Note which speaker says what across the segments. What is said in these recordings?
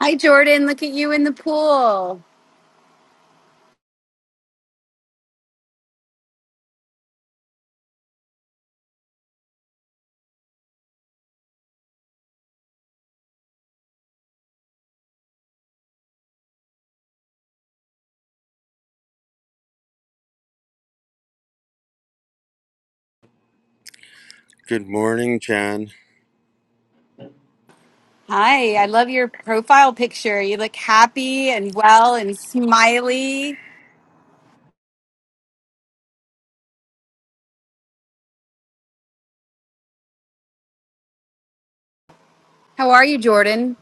Speaker 1: Hi, Jordan. Look at you in the pool. Hi, I love your profile picture. You look happy and well and smiley. How are you, Jordan?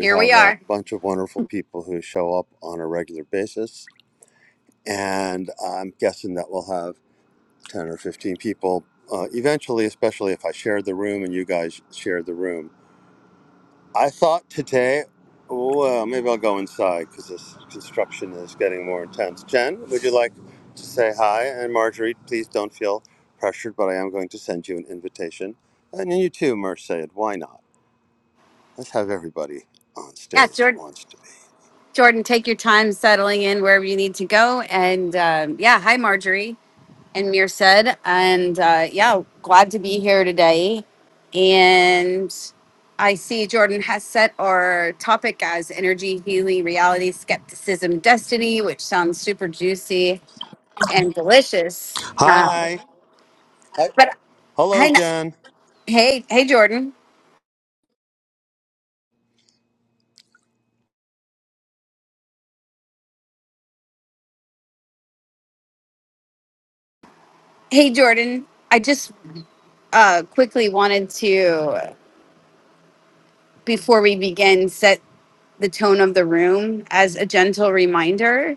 Speaker 1: Here we are. Yeah, Jordan. Jordan, take your time settling in wherever you need to go. And um, yeah, hi, Marjorie and Mir said. And uh, yeah, glad to be here today. And I see Jordan has set our topic as energy, healing, reality, skepticism, destiny, which sounds super juicy. and delicious. Uh, but I, hey, hey, Jordan. Hey, Jordan. I just uh, quickly wanted to, before we begin, set the tone of the room as a gentle reminder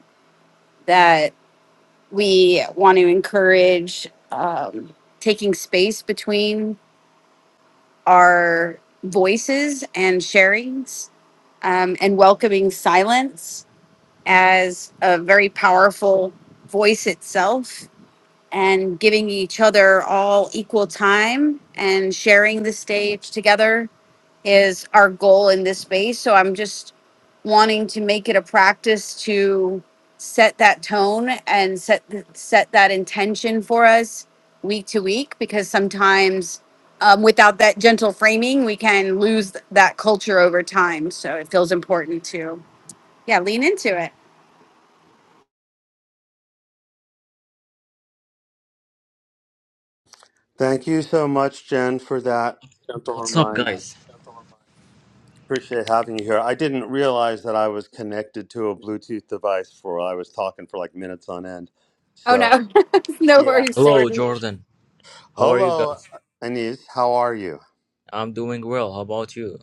Speaker 1: that we want to encourage um, taking space between our voices and sharings um, and welcoming silence as a very powerful voice itself and giving each other all equal time and sharing the stage together is our goal in this space. So I'm just wanting to make it a practice to set that tone and set th- set that intention for us week to week because sometimes um, without that gentle framing we can lose th- that culture over time so it feels important to yeah lean into it
Speaker 2: What's up, guys?
Speaker 1: oh no no worries
Speaker 2: Hello,
Speaker 1: jordan
Speaker 2: Jordan. How are you guys? I'm doing well. How about you?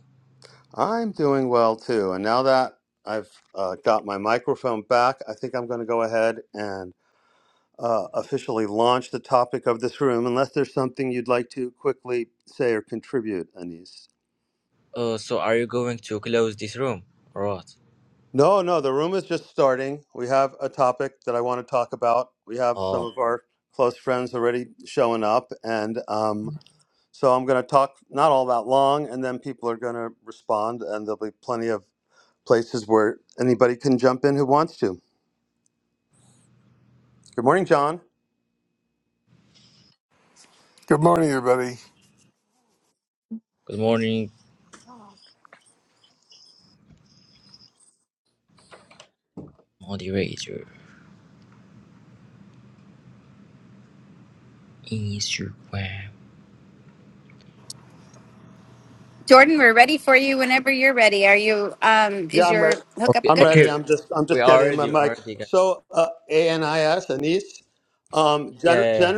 Speaker 2: Uh, so are you going to close this room or what? Oh,
Speaker 3: Good morning, everybody.
Speaker 2: good morning, moderator. Instagram.
Speaker 1: Jordan, we're ready for you whenever you're ready. Are you um is your
Speaker 2: Okay,
Speaker 1: hookup good?
Speaker 2: okay. We already, already, guys. Yeah, yeah, yeah.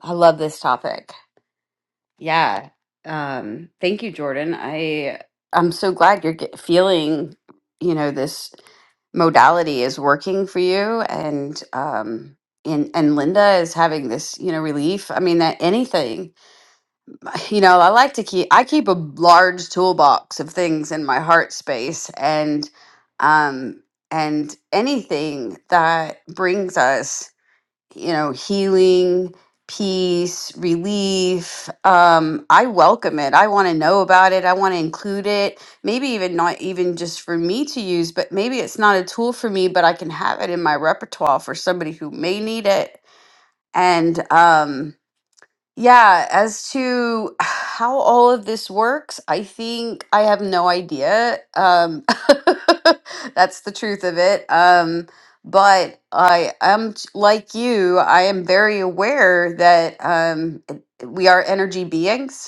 Speaker 1: I love this topic. Yeah. Um, thank you, Jordan. I I'm so glad you're get, feeling, you know, this modality is working for you, and um, and and Linda is having this, you know, relief. I mean, that anything you know, I like to keep I keep a large toolbox of things in my heart space and um and anything that brings us, you know, healing, peace, relief, um I welcome it. I want to know about it. I want to include it. Maybe even not even just for me to use, but maybe it's not a tool for me, but I can have it in my repertoire for somebody who may need it. And um yeah, as to how all of this works, I think I have no idea. Um, that's the truth of it. Um, but I am t- like you, I am very aware that um, it- we are energy beings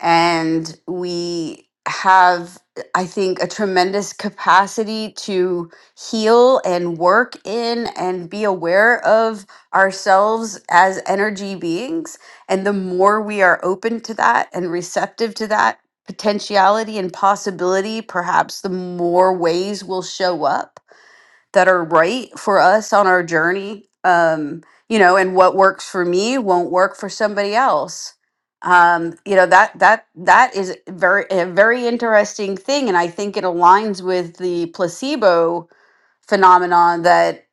Speaker 1: and we have i think a tremendous capacity to heal and work in and be aware of ourselves as energy beings and the more we are open to that and receptive to that potentiality and possibility perhaps the more ways will show up that are right for us on our journey um you know and what works for me won't work for somebody else um you know that that that is very a very interesting thing and i think it aligns with the placebo phenomenon that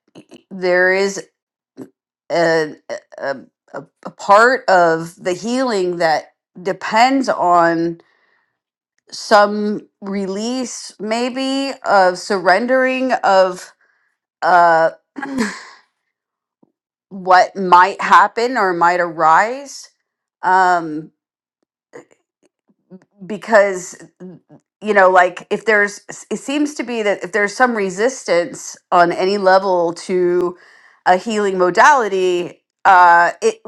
Speaker 1: there is a a, a, a part of the healing that depends on some release maybe of surrendering of uh what might happen or might arise um because you know like if there's it seems to be that if there's some resistance on any level to a healing modality uh it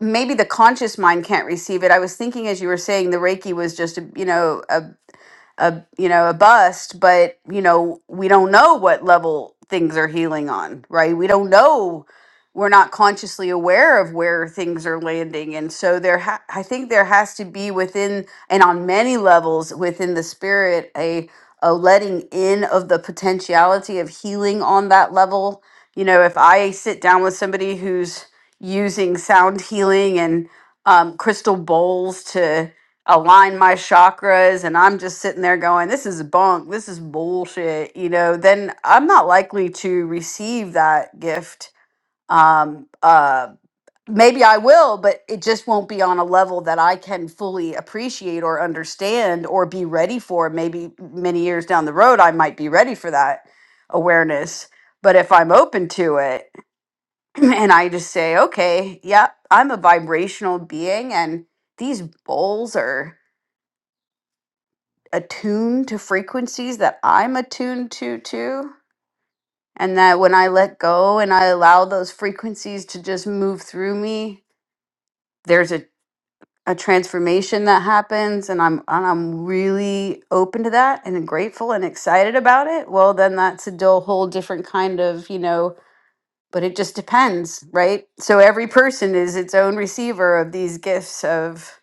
Speaker 1: maybe the conscious mind can't receive it i was thinking as you were saying the reiki was just a you know a you know a bust but you know we don't know what level things are healing on right we don't know we're not consciously aware of where things are landing and so there ha- i think there has to be within and on many levels within the spirit a a letting in of the potentiality of healing on that level you know if i sit down with somebody who's using sound healing and um, crystal bowls to align my chakras and I'm just sitting there going, this is bunk, this is bullshit, you know, then I'm not likely to receive that gift. Um, uh, maybe I will, but it just won't be on a level that I can fully appreciate or understand or be ready for. Maybe many years down the road, I might be ready for that awareness. But if I'm open to it and I just say, okay, yeah, I'm a vibrational being and these bowls are attuned to frequencies that I'm attuned to too. And that when I let go and I allow those frequencies to just move through me, there's a, a transformation that happens and I'm and I'm really open to that and grateful and excited about it. Well then that's a do- whole different kind of, you know, but it just depends, right? So every person is its own receiver of these gifts of.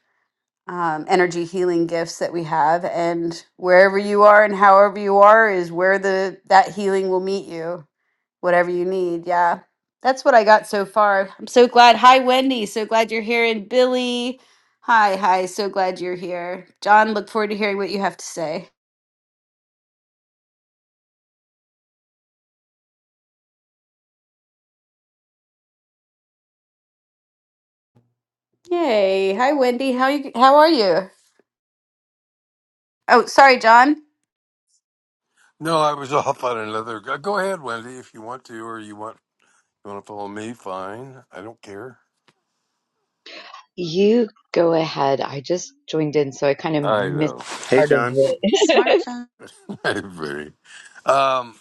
Speaker 1: um, energy healing gifts that we have and wherever you are and however you are is where the that healing will meet you whatever you need yeah that's what i got so far i'm so glad hi wendy so glad you're here and billy hi hi so glad you're here john look forward to hearing what you have to say yay hi wendy how you how are you oh sorry john
Speaker 3: No, I was off on another. Go go ahead, Wendy, if you want to, or you want you want to follow me. Fine, I don't care.
Speaker 4: You go ahead. I just joined in, so I kind of
Speaker 3: I
Speaker 4: missed
Speaker 3: know,
Speaker 4: part of it.
Speaker 3: everybody. Um,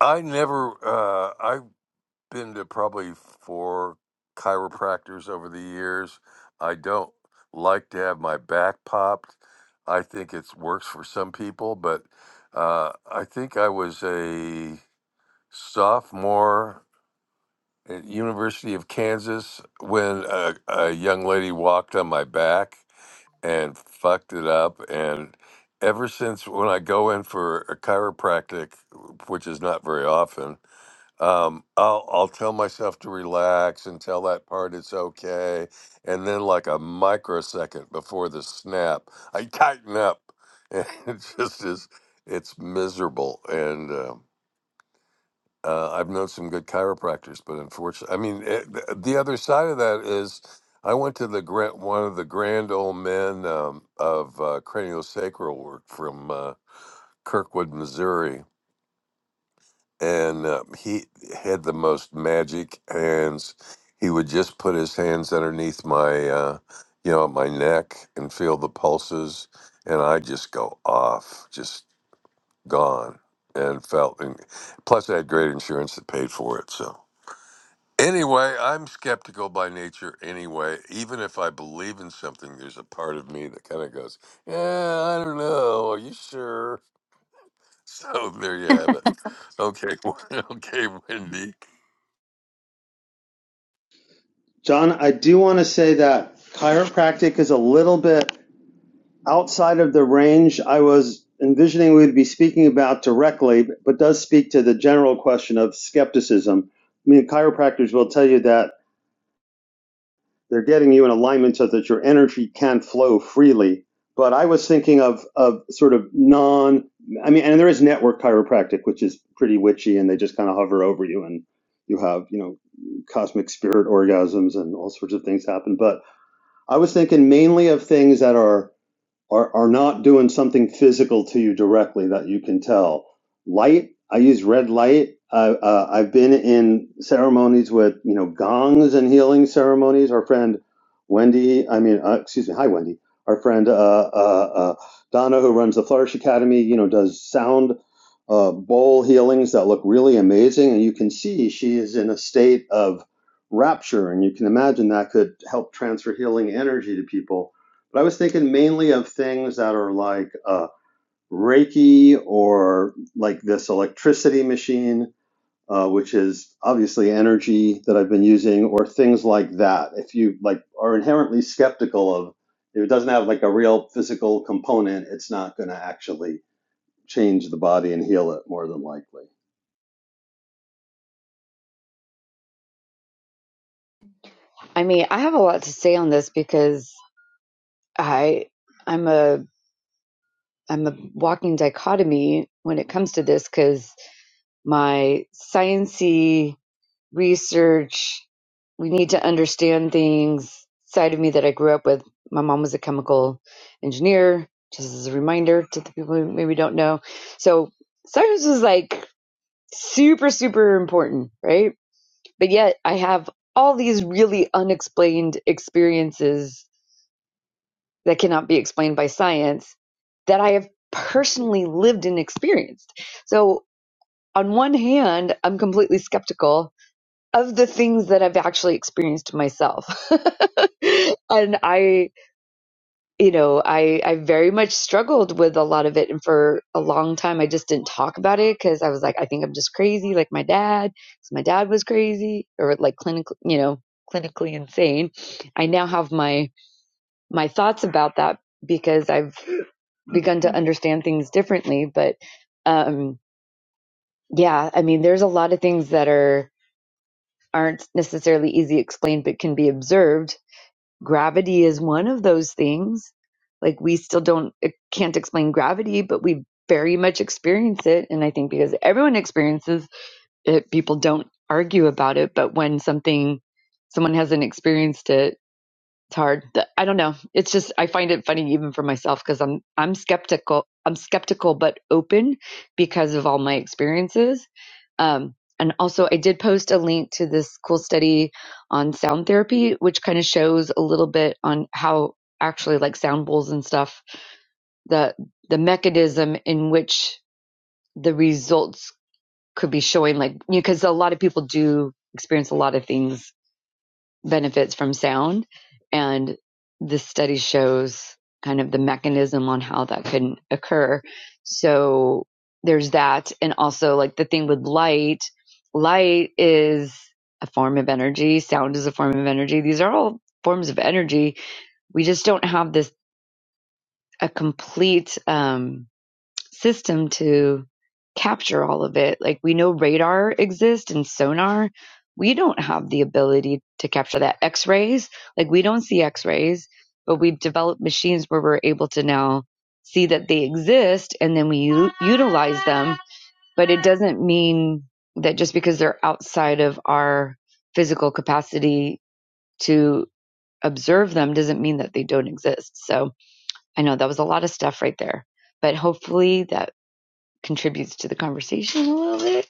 Speaker 3: I never. Uh, I've been to probably four chiropractors over the years. I don't like to have my back popped. I think it works for some people, but uh, I think I was a sophomore at University of Kansas when a, a young lady walked on my back and fucked it up. And ever since when I go in for a chiropractic, which is not very often, um, I'll, I'll tell myself to relax and tell that part it's okay. And then, like a microsecond before the snap, I tighten up. And it just is, it's miserable. And, uh, uh, I've known some good chiropractors, but unfortunately, I mean, it, th- the other side of that is I went to the grand, one of the grand old men um, of uh, craniosacral work from uh, Kirkwood, Missouri, and uh, he had the most magic hands. He would just put his hands underneath my, uh, you know, my neck and feel the pulses, and I just go off, just gone, and felt. And plus, I had great insurance that paid for it, so. Anyway, I'm skeptical by nature anyway. Even if I believe in something, there's a part of me that kind of goes, Yeah, I don't know. Are you sure? So there you have it. Okay. Okay, Wendy.
Speaker 5: John, I do want to say that chiropractic is a little bit outside of the range I
Speaker 4: I mean, I have a lot to say on this because I I'm a I'm a walking dichotomy when it comes to this because my sciency research, we need to understand things side of me that I grew up with. My mom was a chemical engineer, just as a reminder to the people who maybe don't know. So science was like super, super important, right? But yet I have all these really unexplained experiences that cannot be explained by science that I have personally lived and experienced. So on one hand, I'm completely skeptical of the things that I've actually experienced myself. and I you know, I I very much struggled with a lot of it, and for a long time, I just didn't talk about it because I was like, I think I'm just crazy, like my dad, because my dad was crazy or like clinically, you know, clinically insane. I now have my my thoughts about that because I've begun to understand things differently. But um, yeah, I mean, there's a lot of things that are aren't necessarily easy explained, but can be observed gravity is one of those things. Like we still don't eh, can't explain gravity, but we very much experience it. And I think because everyone experiences it, people don't argue about it. But when something someone hasn't experienced it, it's hard. I don't know. It's just I find it funny even for myself because I'm I'm skeptical. I'm skeptical but open because of all my experiences. Um, and also, I did post a link to this cool study on sound therapy, which kind of shows a little bit on how actually like sound bowls and stuff the the mechanism in which the results could be showing like because a lot of people do experience a lot of things benefits from sound. And this study shows kind of the mechanism on how that can occur. So there's that. And also, like the thing with light, light is a form of energy, sound is a form of energy. These are all forms of energy. We just don't have this, a complete, um, system to capture all of it. Like we know radar exists and sonar. We don't have the ability to capture that. X rays, like we don't see X rays, but we've developed machines where we're able to now see that they exist and then we u- utilize them. But it doesn't mean that just because they're outside of our physical capacity to observe them doesn't mean that they don't exist. So I know that was a lot of stuff right there, but hopefully that contributes to the conversation a little bit.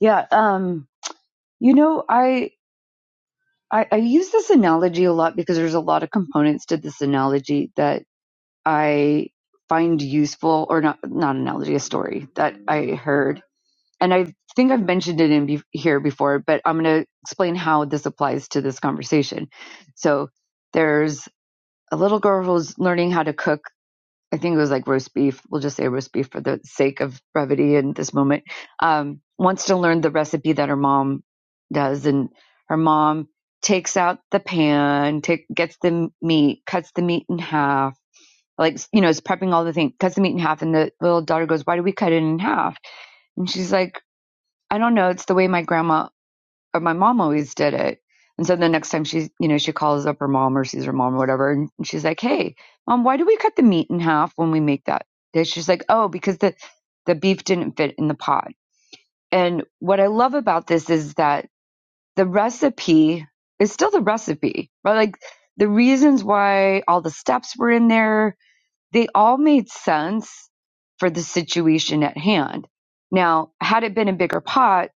Speaker 4: Yeah. Um, you know, I, I, I use this analogy a lot because there's a lot of components to this analogy that I find useful or not, not analogy, a story that I heard. And I think I've mentioned it in be- here before, but I'm going to explain how this applies to this conversation. So there's a little girl who's learning how to cook I think it was like roast beef. We'll just say roast beef for the sake of brevity in this moment. Um, wants to learn the recipe that her mom does, and her mom takes out the pan, take, gets the meat, cuts the meat in half. Like you know, is prepping all the things, cuts the meat in half, and the little daughter goes, "Why do we cut it in half?" And she's like, "I don't know. It's the way my grandma or my mom always did it. And so the next time she, you know, she calls up her mom or sees her mom or whatever, and she's like, "Hey, mom, why do we cut the meat in half when we make that dish?" She's like, "Oh, because the the beef didn't fit in the pot." And what I love about this is that the recipe is still the recipe, right? Like the reasons why all the steps were in there, they all made sense for the situation at hand. Now, had it been a bigger pot,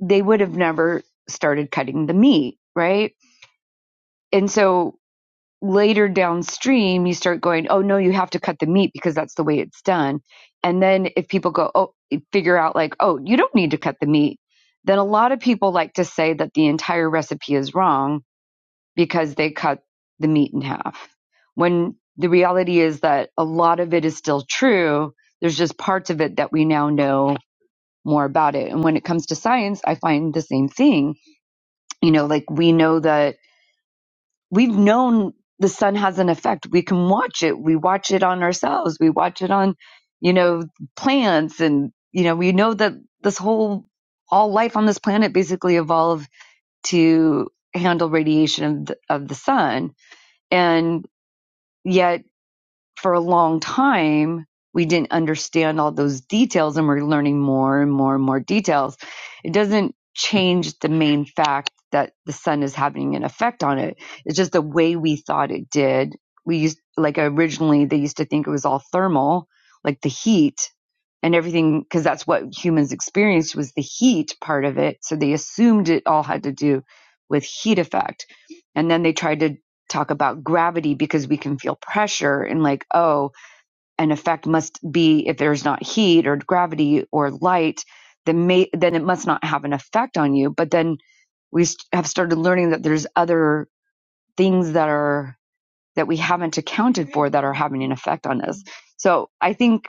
Speaker 4: they would have never started cutting the meat, right? And so later downstream, you start going, oh no, you have to cut the meat because that's the way it's done. And then if people go, oh, figure out like, oh, you don't need to cut the meat, then a lot of people like to say that the entire recipe is wrong because they cut the meat in half. When the reality is that a lot of it is still true, there's just parts of it that we now know more about it. And when it comes to science, I find the same thing you know like we know that we've known the sun has an effect we can watch it we watch it on ourselves we watch it on you know plants and you know we know that this whole all life on this planet basically evolved to handle radiation of the, of the sun and yet for a long time, we didn't understand all those details and we're learning more and more and more details. It doesn't change the main fact that the sun is having an effect on it. It's just the way we thought it did. We used, like originally, they used to think it was all thermal, like the heat and everything, because that's what humans experienced was the heat part of it. So they assumed it all had to do with heat effect. And then they tried to talk about gravity because we can feel pressure and like, oh, an effect must be if there's not heat or gravity or light, then may, then it must not have an effect on you. But then we have started learning that there's other things that are that we haven't accounted for that are having an effect on us. So I think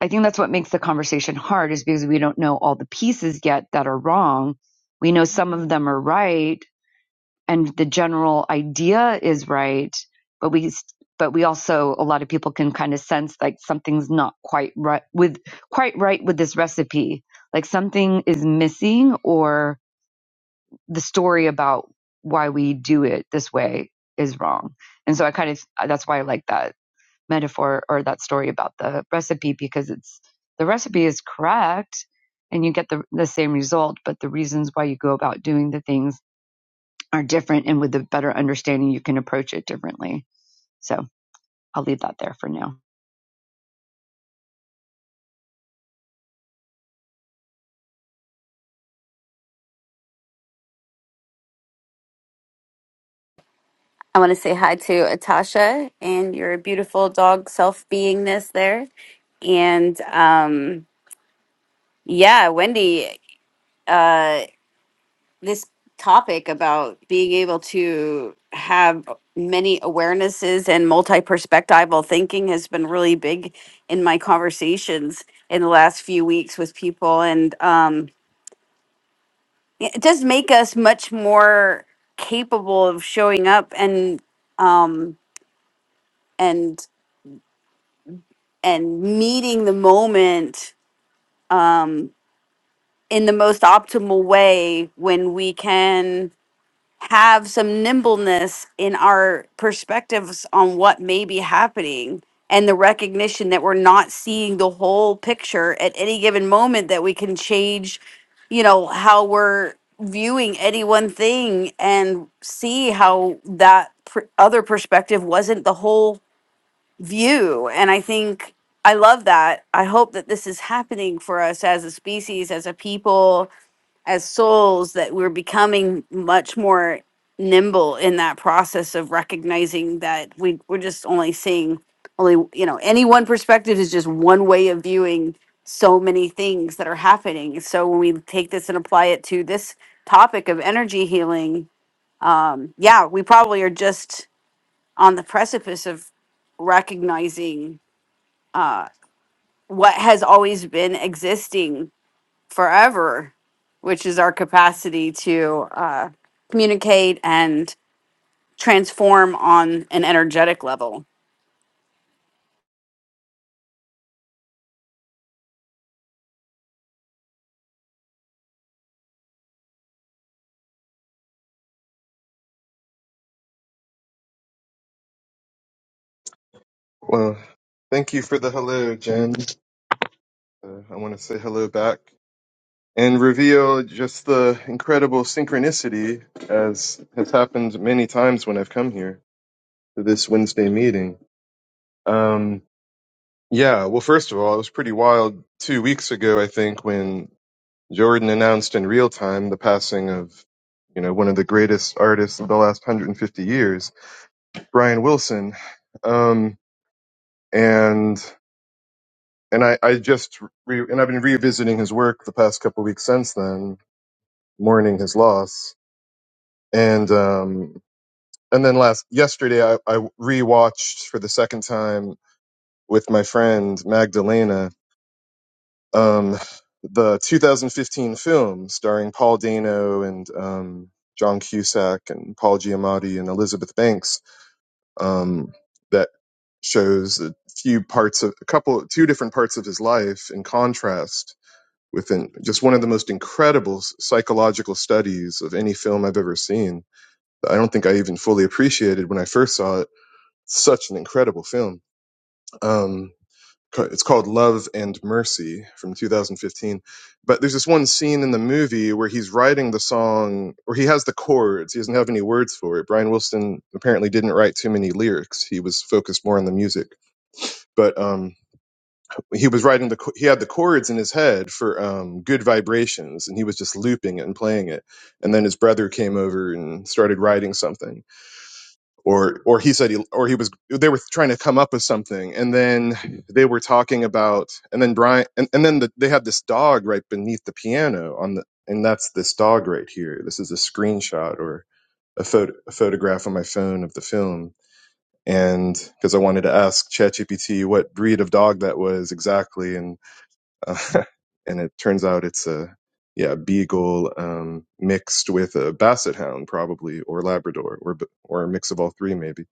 Speaker 4: I think that's what makes the conversation hard is because we don't know all the pieces yet that are wrong. We know some of them are right, and the general idea is right, but we but we also a lot of people can kind of sense like something's not quite right with quite right with this recipe. Like something is missing or the story about why we do it this way is wrong. And so I kind of that's why I like that metaphor or that story about the recipe because it's the recipe is correct and you get the the same result, but the reasons why you go about doing the things are different and with a better understanding you can approach it differently so i'll leave that there for now
Speaker 1: I want to say hi to Atasha and your beautiful dog self beingness there. And um, yeah, Wendy. uh, this topic about being able to have many awarenesses and multi-perspectival thinking has been really big in my conversations in the last few weeks with people and um, it it does make us much more capable of showing up and um, and and meeting the moment in the most optimal way when we can have some nimbleness in our perspectives on what may be happening and the recognition that we're not seeing the whole picture at any given moment that we can change you know how we're viewing any one thing and see how that pr- other perspective wasn't the whole view and i think i love that i hope that this is happening for us as a species as a people as souls that we're becoming much more nimble in that process of recognizing that we we're just only seeing only you know any one perspective is just one way of viewing so many things that are happening so when we take this and apply it to this topic of energy healing yeah we probably are just on the precipice of recognizing what has always been existing forever, which is our capacity to uh, communicate and transform on an energetic level.
Speaker 6: Well, thank you for the hello, Jen. Uh, I want to say hello back and reveal just the incredible synchronicity as has happened many times when I've come here to this Wednesday meeting. Um, yeah, well, first of all, it was pretty wild two weeks ago, I think, when Jordan announced in real time the passing of, you know, one of the greatest artists of the last 150 years, Brian Wilson. Um, and and I, I just re- and I've been revisiting his work the past couple weeks since then, mourning his loss. And um, and then last yesterday, I, I rewatched for the second time with my friend Magdalena um, the 2015 film starring Paul Dano and um, John Cusack and Paul Giamatti and Elizabeth Banks um, that shows a few parts of a couple two different parts of his life in contrast within just one of the most incredible psychological studies of any film I've ever seen. I don't think I even fully appreciated when I first saw it. Such an incredible film. Um, it's called Love and Mercy from 2015. But there's this one scene in the movie where he's writing the song, or he has the chords. He doesn't have any words for it. Brian Wilson apparently didn't write too many lyrics. He was focused more on the music. But um, he was writing the he had the chords in his head for um good vibrations and he was just looping it and playing it and then his brother came over and started writing something or or he said he or he was they were trying to come up with something and then they were talking about and then brian and, and then the, they had this dog right beneath the piano on the and that's this dog right here this is a screenshot or a photo a photograph on my phone of the film and because I wanted to ask ChatGPT what breed of dog that was exactly, and. Uh, and it turns out it's a yeah beagle um, mixed with a basset hound probably or labrador or or a mix of all three maybe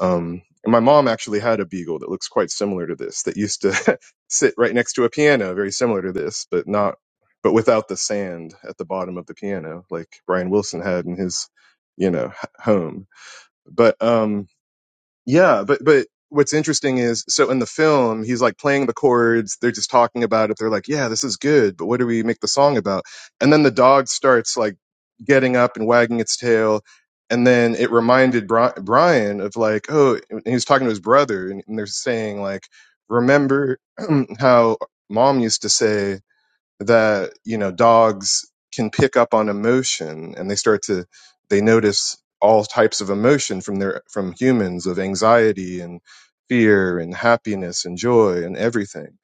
Speaker 6: um, and my mom actually had a beagle that looks quite similar to this that used to sit right next to a piano very similar to this but not but without the sand at the bottom of the piano like brian wilson had in his you know h- home but um, yeah, but but what's interesting is so in the film he's like playing the chords, they're just talking about it. They're like, "Yeah, this is good, but what do we make the song about?" And then the dog starts like getting up and wagging its tail. And then it reminded Bri- Brian of like, oh, and he was talking to his brother, and, and they're saying like, remember how mom used to say that you know dogs can pick up on emotion and they start to they notice all types of emotion from their from humans of anxiety and fear and happiness and joy and everything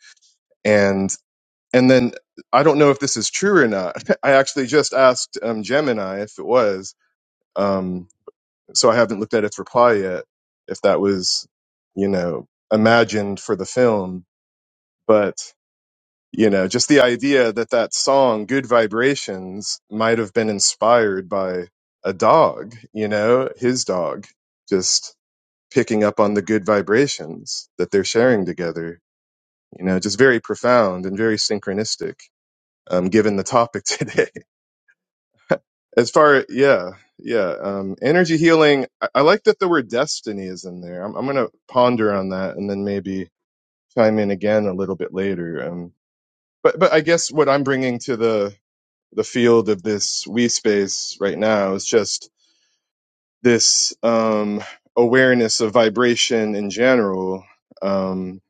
Speaker 6: and and then i don't know if this is true or not i actually just asked um, gemini if it was um, so i haven't looked at its reply yet if that was you know imagined for the film but you know just the idea that that song good vibrations might have been inspired by a dog you know his dog just picking up on the good vibrations that they're sharing together you know just very profound and very synchronistic um, given the topic today as far yeah yeah um, energy healing I, I like that the word destiny is in there i'm, I'm going to ponder on that and then maybe chime in again a little bit later um, but but i guess what i'm bringing to the the field of this we space right now is just this um, awareness of vibration in general. Um,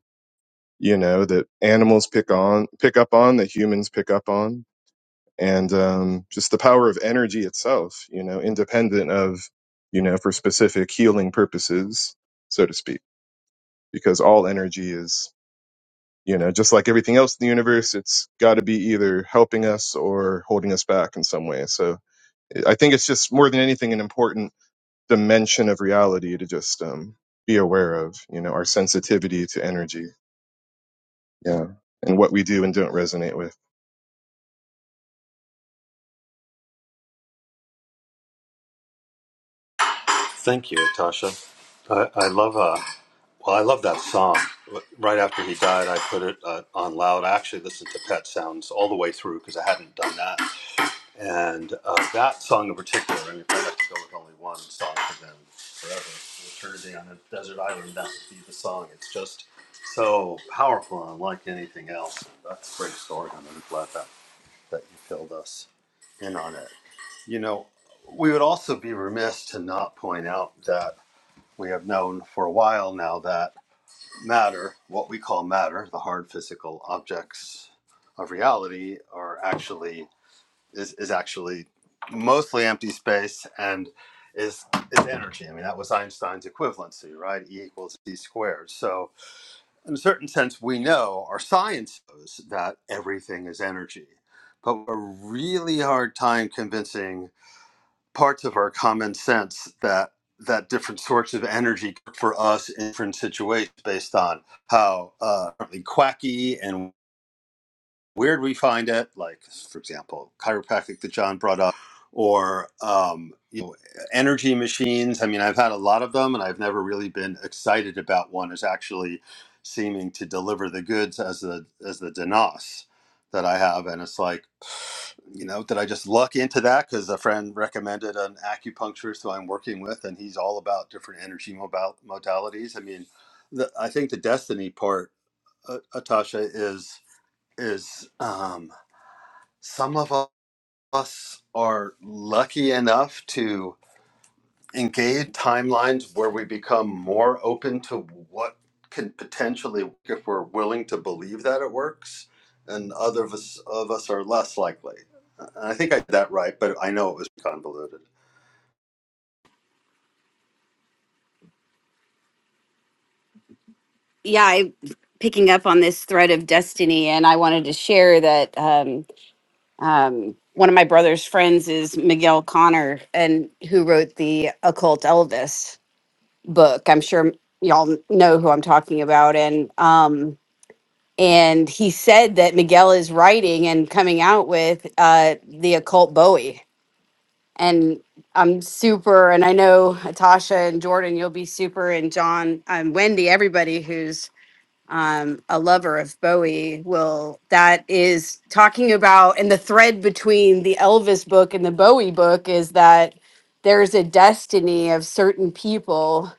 Speaker 6: you know that animals pick on, pick up on, that humans pick up on, and um, just the power of energy itself. You know, independent of you know for specific healing purposes, so to speak, because all energy is you know just like everything else in the universe, it's got to be either helping us or holding us back in some way. So I think it's just more than anything an important dimension of reality to just um, be aware of. You know, our sensitivity to energy, yeah, and what we do and don't resonate with.
Speaker 1: Yeah, I picking up on this thread of destiny, and I wanted to share that um, um, one of my brother's friends is Miguel Connor, and who wrote the Occult Elvis book. I'm sure y'all know who I'm talking about, and um, and he said that Miguel is writing and coming out with uh, the occult Bowie and I'm super. And I know Tasha and Jordan, you'll be super, and John and Wendy, everybody who's um, a lover of Bowie will. That is talking about, and the thread between the Elvis book and the Bowie book is that there's a destiny of certain people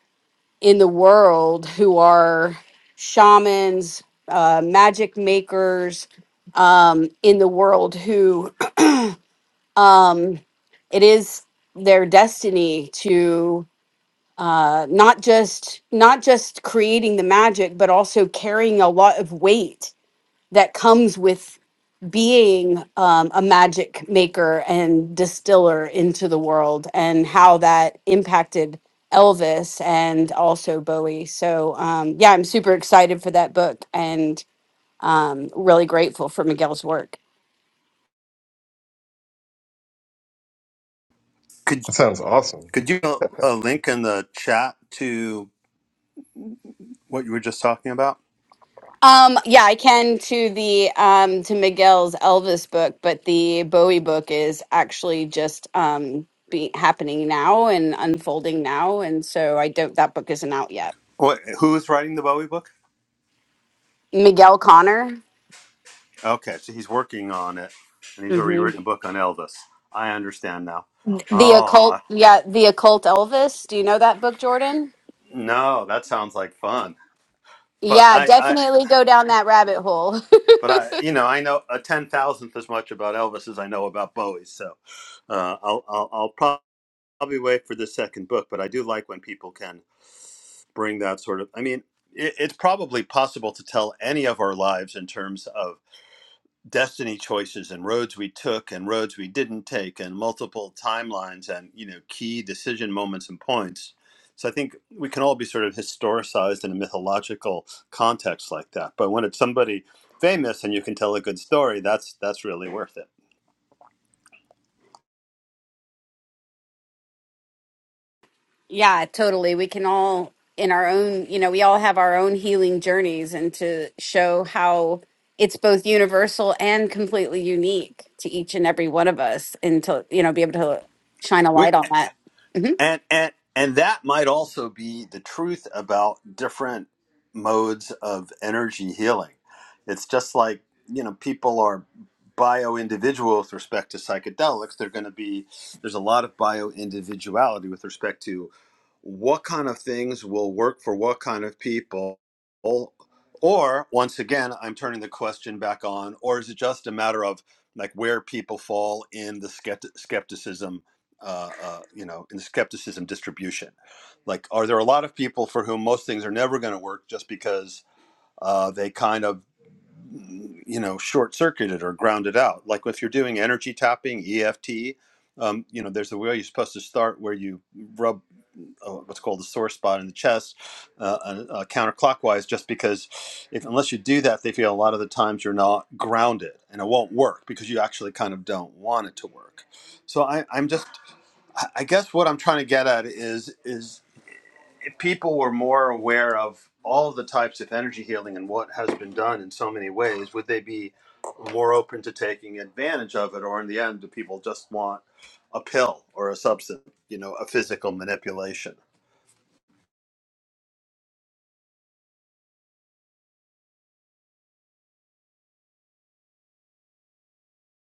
Speaker 1: in the world who are shamans, uh, magic makers um, in the world who um, it is their destiny to uh, not just not just creating the magic, but also carrying a lot of weight that comes with being um, a magic maker and distiller into the world, and how that impacted Elvis and also Bowie. So um, yeah, I'm super excited for that book and um, really grateful for Miguel's work.
Speaker 6: That sounds awesome.
Speaker 1: Um, yeah, I can to the um to Miguel's Elvis book, but the Bowie book is actually just um be happening now and unfolding now, and so I don't that book isn't out yet. Miguel Connor, hmm the occult, yeah, the occult Elvis. Do you know that book, Jordan? Yeah, definitely go down that rabbit hole. Yeah, totally. We can all, in our own, you know, we all have our own healing journeys, and to show how it's both universal and completely unique to each and every one of us, and to, you know, be able to shine a light on that. hmm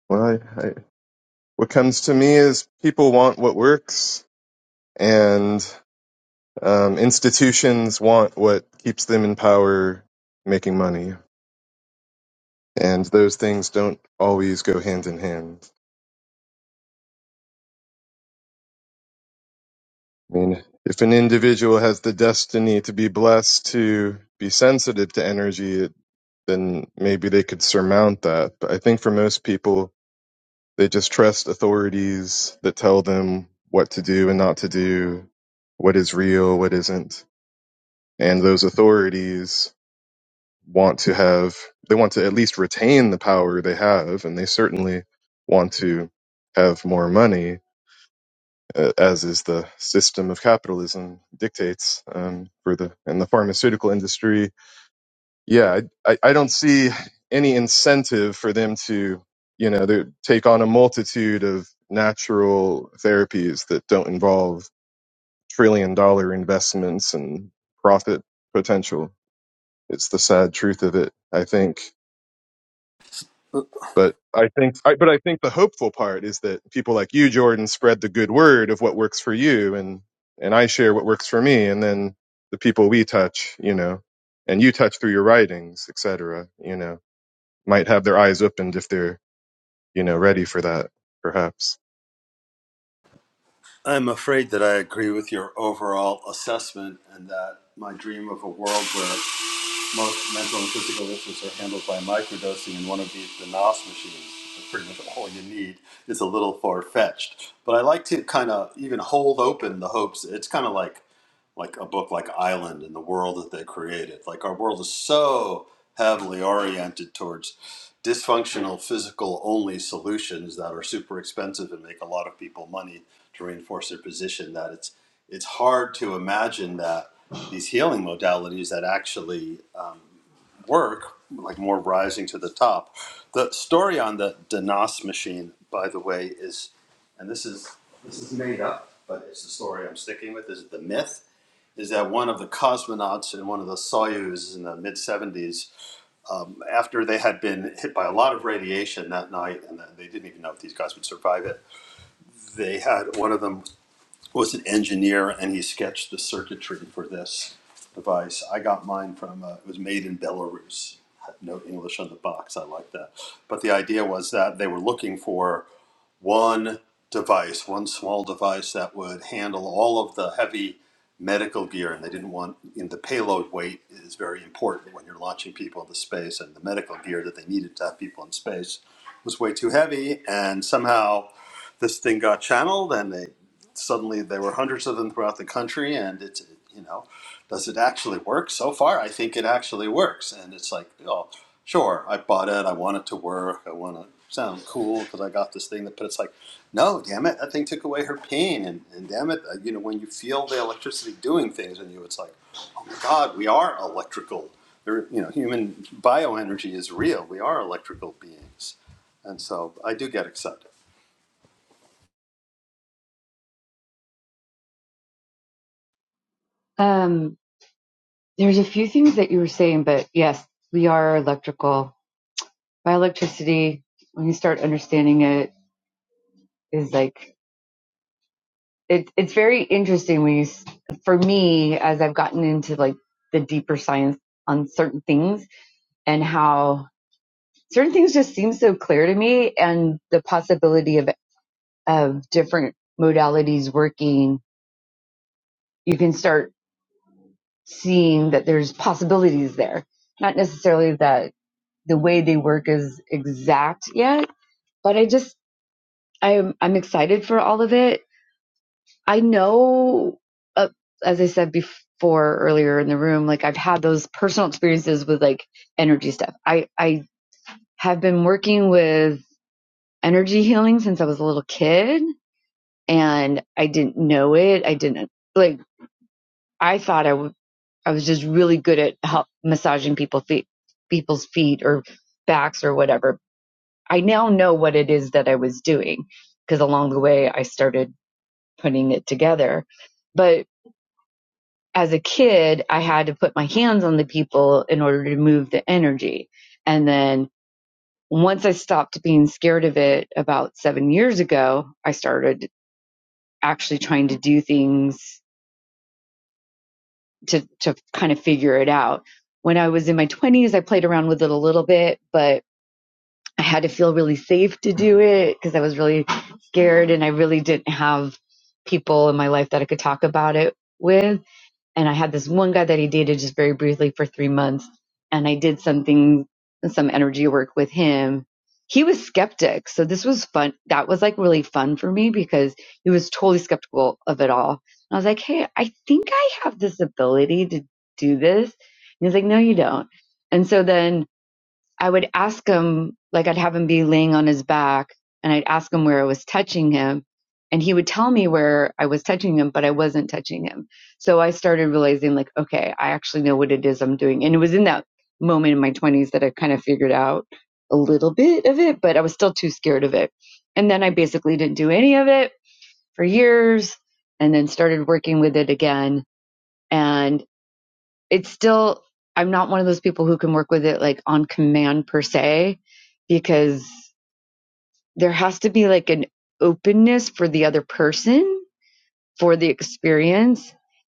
Speaker 6: Well, I, I, what comes to me is people want what works, and um, institutions want what keeps them in power, making money, and those things don't always go hand in hand. I mean, if an individual has the destiny to be blessed to be sensitive to energy, then maybe they could surmount that. But I think for most people, they just trust authorities that tell them what to do and not to do, what is real, what isn't. And those authorities want to have, they want to at least retain the power they have, and they certainly want to have more money, uh, as is the system of capitalism dictates um, for the and the pharmaceutical industry yeah, I, I I don't see any incentive for them to, you know, to take on a multitude of natural therapies that don't involve trillion dollar investments and profit potential. It's the sad truth of it, I think. But I think, I, but I think the hopeful part is that people like you, Jordan, spread the good word of what works for you, and and I share what works for me, and then the people we touch, you know, and you touch through your writings, etc. You know might have their eyes opened if they're you know ready for that perhaps
Speaker 4: Um, there's a few things that you were saying, but yes, we are electrical. By electricity, when you start understanding it, is like it, it's very interesting. When you, for me, as I've gotten into like the deeper science on certain things and how certain things just seem so clear to me, and the possibility of of different modalities working, you can start. seeing that there's possibilities there. Not necessarily that the way they work is exact yet, but I just I'm I'm excited for all of it. I know, uh, as I said before earlier in the room, like I've had those personal experiences with like energy stuff. I I have been working with energy healing since I was a little kid, and I didn't know it. I didn't like. I thought I w I was just really good at help, massaging people feet, people's feet or backs or whatever. I now know what it is that I was doing because along the way I started putting it together. But as a kid, I had to put my hands on the people in order to move the energy. And then once I stopped being scared of it about seven years ago, I started actually trying to do things to, to kind of figure it out. When I was in my 20s, I played around with it a little bit, but I had to feel really safe to do it because I was really scared and I really didn't have people in my life that I could talk about it with. And I had this one guy that I dated just very briefly for three months and I did something, some energy work with him. He was skeptic. So this was fun. That was like really fun for me because he was totally skeptical of it all. And I was like, Hey, I think I have this ability to do this. And he's like, No, you don't. And so then I would ask him, like I'd have him be laying on his back and I'd ask him where I was touching him. And he would tell me where I was touching him, but I wasn't touching him. So I started realizing, like, okay, I actually know what it is I'm doing. And it was in that moment in my 20s that I kind of figured out a little bit of it, but I was still too scared of it. And then I basically didn't do any of it for years and then started working with it again. and it's still I'm not one of those people who can work with it like on command per se because there has to be like an openness for the other person for the experience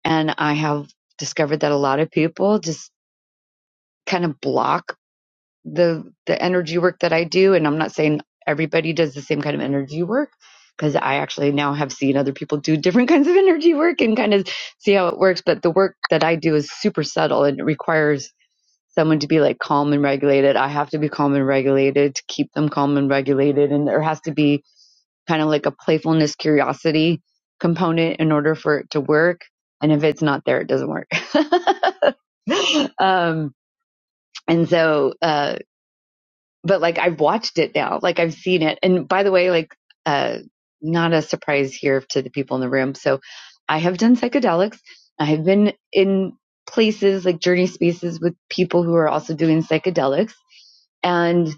Speaker 4: and I have discovered that a lot of people just kind of block the the energy work that I do and I'm not saying everybody does the same kind of energy work because I actually now have seen other people do different kinds of energy work and kind of see how it works but the work that I do is super subtle and it requires someone to be like calm and regulated. I have to be calm and regulated to keep them calm and regulated. And there has to be kind of like a playfulness, curiosity component in order for it to work. And if it's not there, it doesn't work. um, and so, uh, but like I've watched it now, like I've seen it. And by the way, like uh not a surprise here to the people in the room. So I have done psychedelics. I have been in places like journey spaces with people who are also doing psychedelics and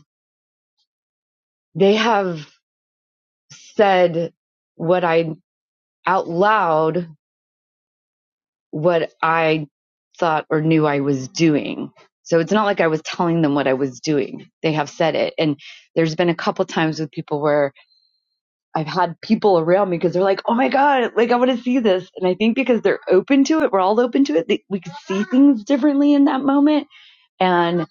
Speaker 4: they have said what I out loud what I thought or knew I was doing. So it's not like I was telling them what I was doing. They have said it. And there's been a couple times with people where I've had people around me because they're like, "Oh my god, like I want to see this," and I think because they're open to it, we're all open to it. That we could see things differently in that moment. And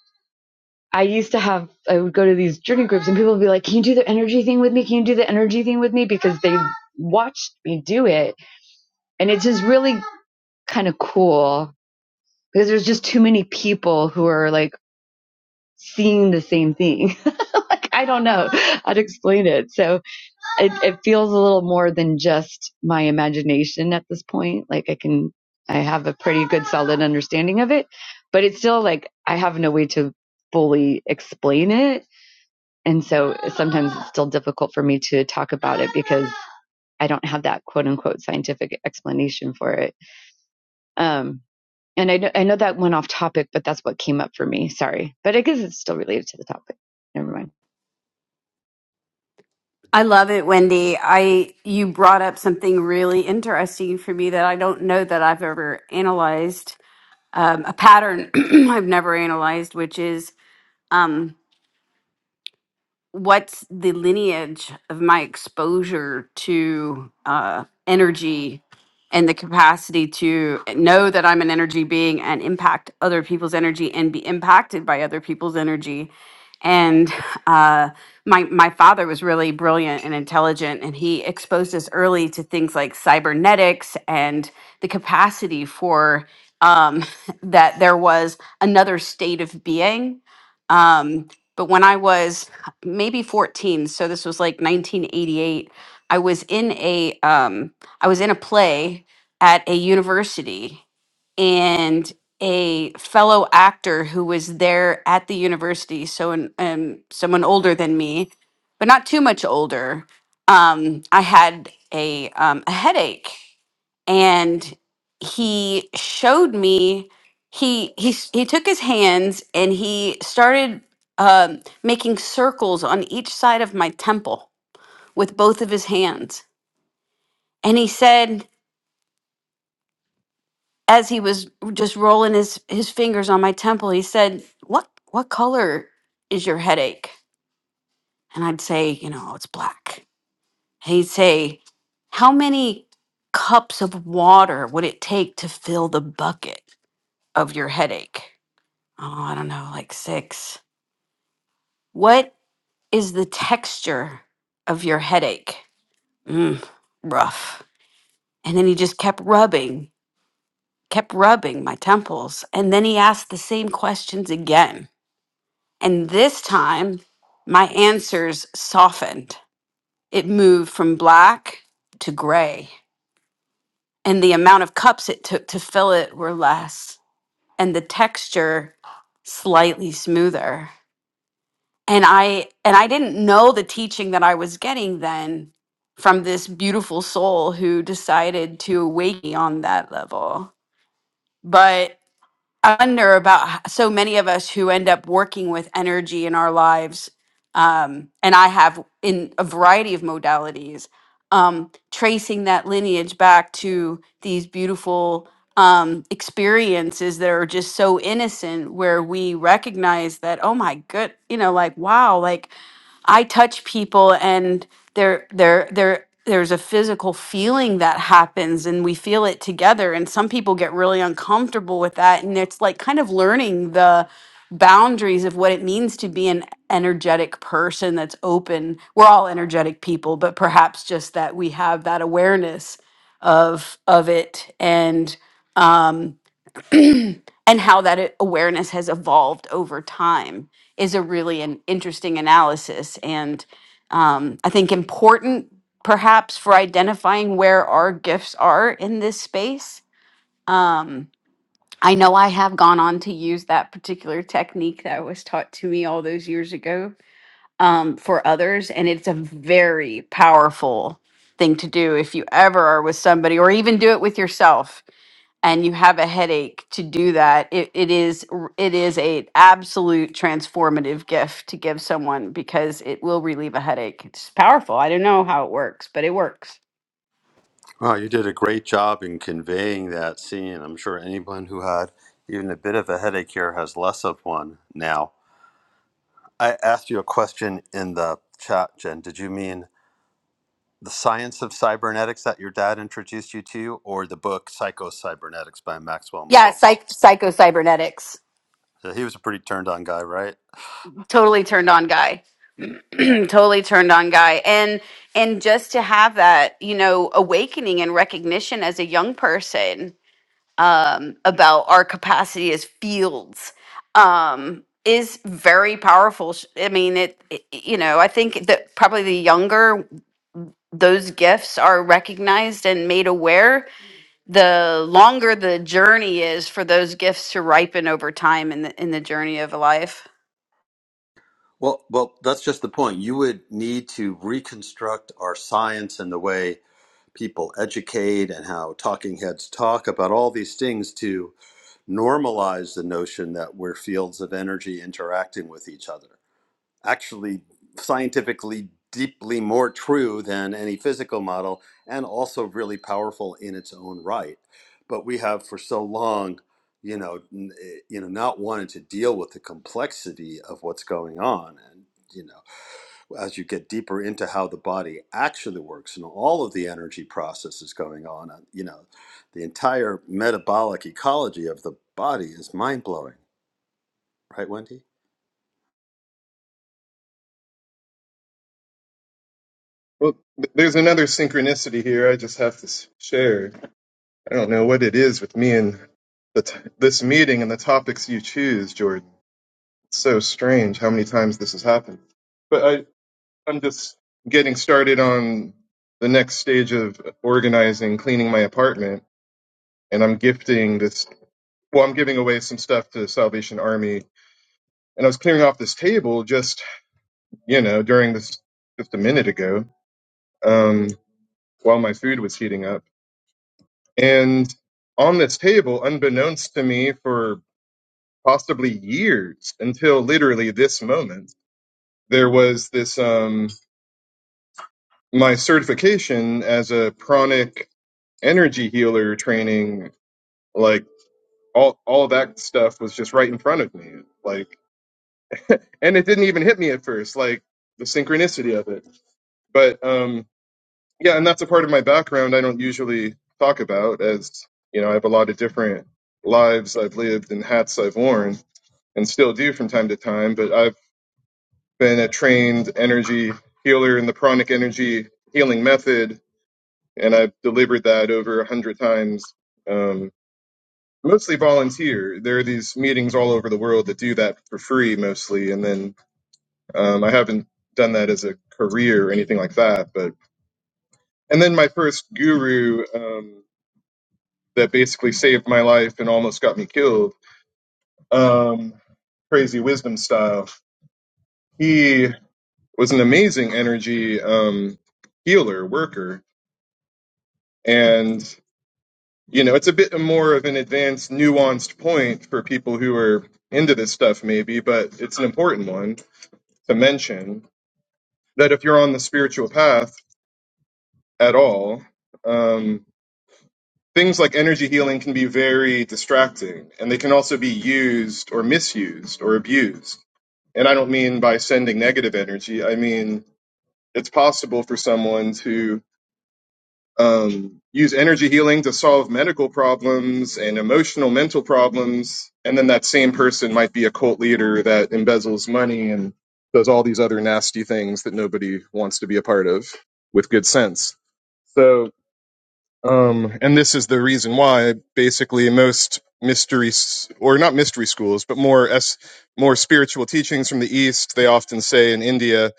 Speaker 4: I used to have, I would go to these journey groups, and people would be like, "Can you do the energy thing with me? Can you do the energy thing with me?" Because they watched me do it, and it's just really kind of cool because there's just too many people who are like seeing the same thing. like I don't know how to explain it. So it, it feels a little more than just my imagination at this point. Like I can, I have a pretty good solid understanding of it, but it's still like I have no way to fully explain it. And so sometimes it's still difficult for me to talk about it because I don't have that quote unquote scientific explanation for it. Um, and I know, I know that went off topic, but that's what came up for me. Sorry. But I guess it's still related to the topic. Never mind.
Speaker 1: I love it, Wendy. I you brought up something really interesting for me that I don't know that I've ever analyzed. Um, a pattern I've never analyzed, which is what's the lineage of my exposure to uh, energy and the capacity to know that I'm an energy being and impact other people's energy and be impacted by other people's energy and uh, my my father was really brilliant and intelligent, and he exposed us early to things like cybernetics and the capacity for um, that there was another state of being. Um, but when I was maybe 14, so this was like 1988, I was in a um, I was in a play at a university and a fellow actor who was there at the university so an, um, someone older than me but not too much older um, i had a, um, a headache and he showed me he he, s- he took his hands and he started um, making circles on each side of my temple with both of his hands and he said as he was just rolling his his fingers on my temple, he said, "What what color is your headache?" And I'd say, "You know, it's black." And he'd say, "How many cups of water would it take to fill the bucket of your headache?" Oh, I don't know, like 6. "What is the texture of your headache?" Mm, rough. And then he just kept rubbing, kept rubbing my temples, and then he asked the same questions again. And this time, my answers softened. It moved from black to gray, and the amount of cups it took to fill it were less, and the texture slightly smoother. And I and I didn't know the teaching that I was getting then from this beautiful soul who decided to awaken me on that level. I wonder about h- so many of us who end up working with energy in our lives, um, and I have in a variety of modalities, um, tracing that lineage back to these beautiful um, experiences that are just so innocent, where we recognize that, oh my good, you know, like wow, like I touch people and there there there there's a physical feeling that happens and we feel it together and some people get really uncomfortable with that and it's like kind of learning the boundaries of what it means to be an energetic person that's open. We're all energetic people, but perhaps just that we have that awareness of of it and um, and how that a- awareness has evolved over time is a really an interesting analysis and um, i think important perhaps for identifying where our gifts are in this space um, i know i have gone on to use that particular technique that was taught to me all those years ago um, for others and it's a very powerful thing to do if you ever are with somebody or even do it with yourself and you have a headache to do that it, it is r- it is a absolute transformative gift to give someone because it will relieve a headache it's powerful i don't know how it works but it works yeah psych- psycho cybernetics totally turned on guy totally turned on guy and and just to have that you know awakening and recognition as a young person um, about our capacity as fields um, is very powerful. Sh- I mean, it, it- you know, I think that probably the younger those gifts are recognized and made aware, the longer the journey is for those gifts to ripen over time in the in the journey of life.
Speaker 6: well th- there's another synchronicity here i just have to s- share i don't know what it is with me and the t- this meeting and the topics you choose jordan it's so strange how many times this has happened but i i'm just getting started on the next stage of organizing cleaning my apartment and i'm gifting this well i'm giving away some stuff to the salvation army and i was clearing off this table just you know, during this just a minute ago, um, while my food was heating up. And on this table, unbeknownst to me for possibly years until literally this moment, there was this um, my certification as a pranic energy healer training, like all all that stuff was just right in front of me. Like and it didn't even hit me at first, like the synchronicity of it. But um Yeah, and that's a part of my background I don't usually talk about, as you know, I have a lot of different lives I've lived and hats I've worn and still do from time to time. But I've been a trained energy healer in the pranic energy healing method, and I've delivered that over a hundred times. Um, mostly volunteer. There are these meetings all over the world that do that for free mostly, and then um, I haven't done that as a career or anything like that, but and then my first guru. Um, that basically saved my life and almost got me killed, um, crazy wisdom style. He was an amazing energy um, healer, worker. And, you know, it's a bit more of an advanced, nuanced point for people who are into this stuff, maybe, but it's an important one to mention that if you're on the spiritual path at all, um, things like energy healing can be very distracting and they can also be used or misused or abused. And I don't mean by sending negative energy, I mean it's possible for someone to um, use energy healing to solve medical problems and emotional mental problems. And then that same person might be a cult leader that embezzles money and does all these other nasty things that nobody wants to be a part of with good sense. So um, and this is the reason why basically most mystery s- or not mystery schools, but more s more spiritual teachings from the East, they often say in India,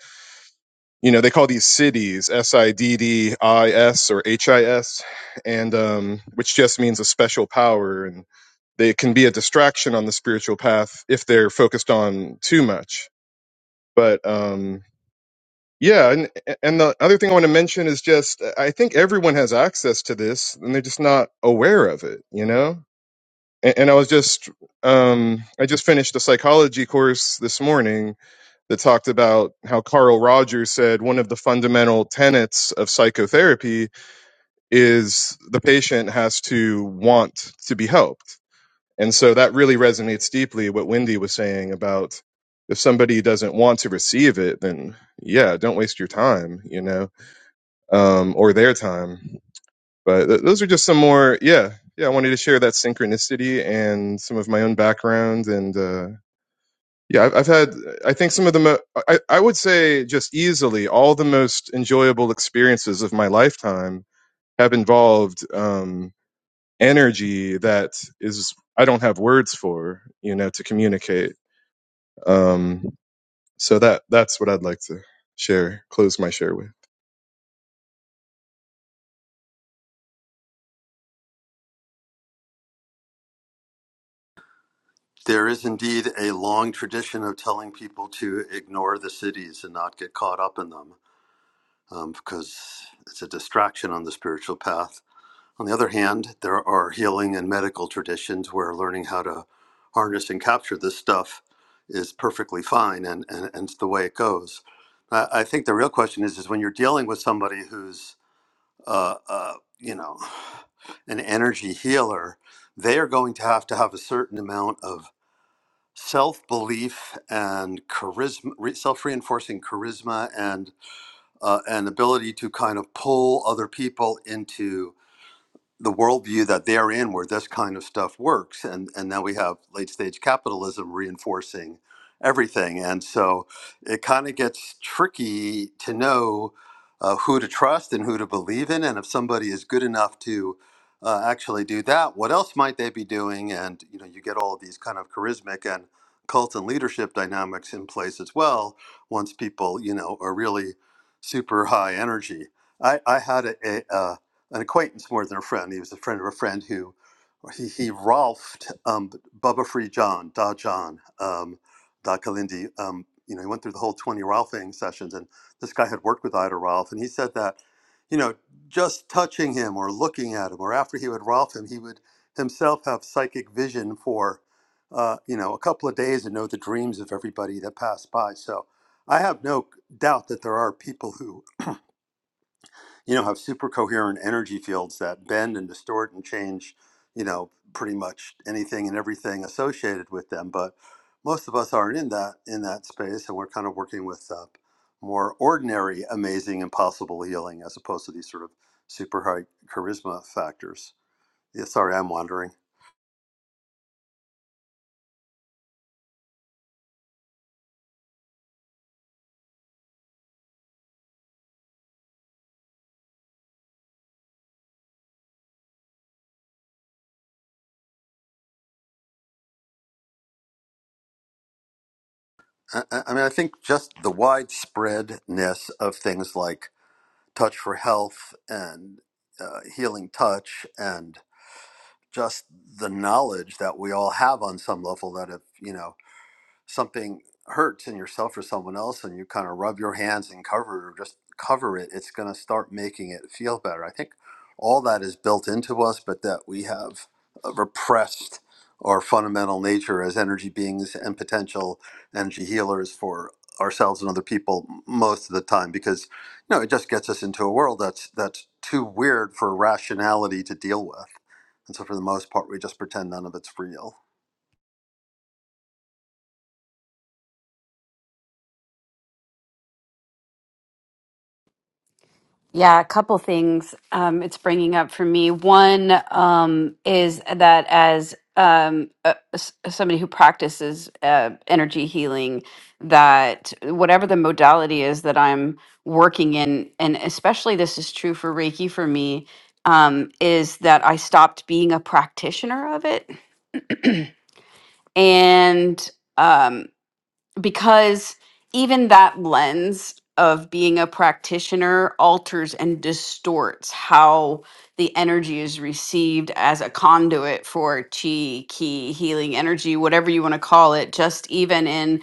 Speaker 6: you know, they call these cities S I D D I S or H I S, and um, which just means a special power, and they can be a distraction on the spiritual path if they're focused on too much. But um, yeah, and and the other thing I want to mention is just I think everyone has access to this, and they're just not aware of it, you know. And, and I was just um, I just finished a psychology course this morning that talked about how Carl Rogers said one of the fundamental tenets of psychotherapy is the patient has to want to be helped, and so that really resonates deeply what Wendy was saying about if somebody doesn't want to receive it, then yeah, don't waste your time, you know um, or their time. But th- those are just some more, yeah, yeah. I wanted to share that synchronicity and some of my own background, and uh, yeah, I've, I've had, I think some of the, mo- I, I would say, just easily all the most enjoyable experiences of my lifetime have involved um, energy that is I don't have words for, you know, to communicate. Um, so that that's what I'd like to share, close my share with.
Speaker 1: Yeah, a couple things um, it's bringing up for me. One um, is that as um, uh, s- somebody who practices uh, energy healing, that whatever the modality is that I'm working in, and especially this is true for Reiki for me, um, is that I stopped being a practitioner of it and. um, because even that lens of being a practitioner alters and distorts how the energy is received as a conduit for chi ki healing energy whatever you want to call it just even in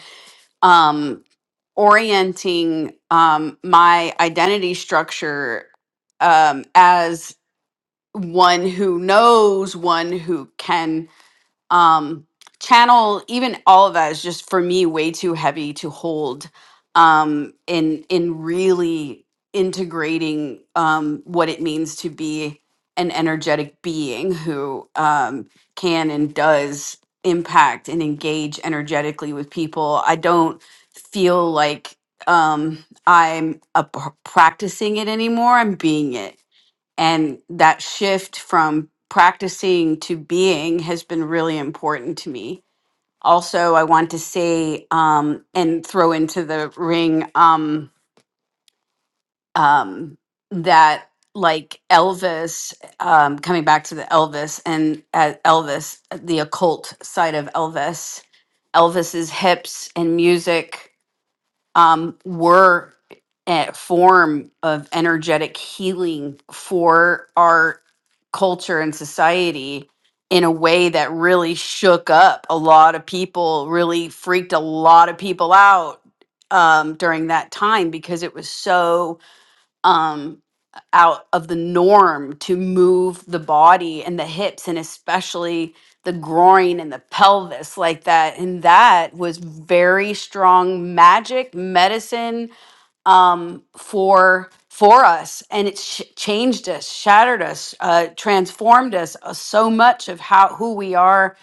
Speaker 1: um orienting um my identity structure um as one who knows one who can um channel even all of that is just for me way too heavy to hold um in in really integrating um what it means to be an energetic being who um can and does impact and engage energetically with people i don't feel like um i'm a p- practicing it anymore i'm being it and that shift from practicing to being has been really important to me also i want to say um and throw into the ring um um that like elvis um coming back to the elvis and uh, elvis the occult side of elvis elvis's hips and music um were a form of energetic healing for our culture and society in a way that really shook up a lot of people, really freaked a lot of people out um, during that time because it was so um, out of the norm to move the body and the hips and especially the groin and the pelvis like that. And that was very strong magic, medicine for for us and it's sh- changed us shattered us uh, transformed us uh, so much of how who we are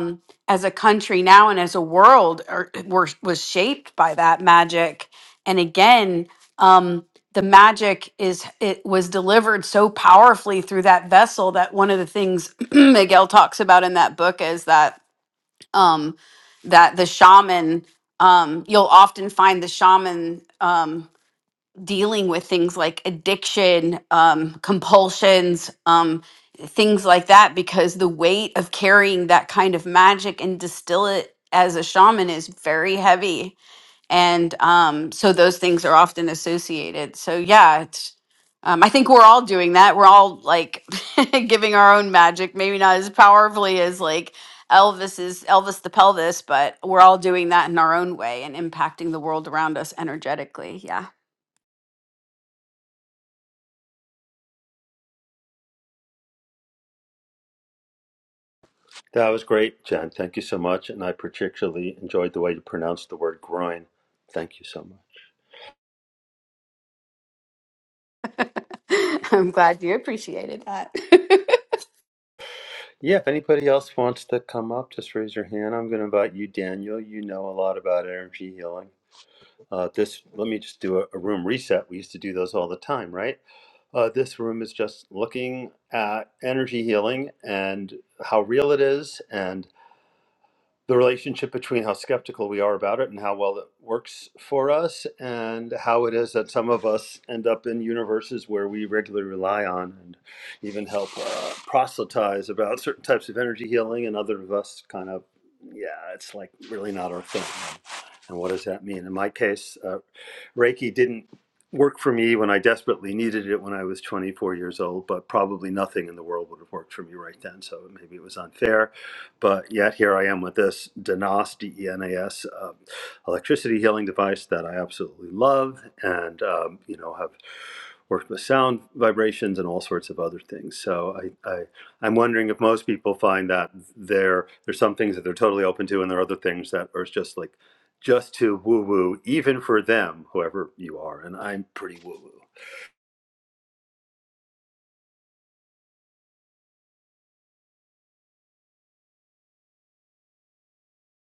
Speaker 1: um, as a country now and as a world are, were, was shaped by that magic and again um, the magic is it was delivered so powerfully through that vessel that one of the things miguel talks about in that book is that um, that the shaman um, you'll often find the shaman Um, dealing with things like addiction, um, compulsions, um, things like that, because the weight of carrying that kind of magic and distill it as a shaman is very heavy. And um, so those things are often associated. So, yeah, it's. Um, I think we're all doing that. We're all like giving our own magic, maybe not as powerfully as like Elvis's Elvis the pelvis, but we're all doing that in our own way and impacting the world around us energetically. Yeah. I'm glad you appreciated that.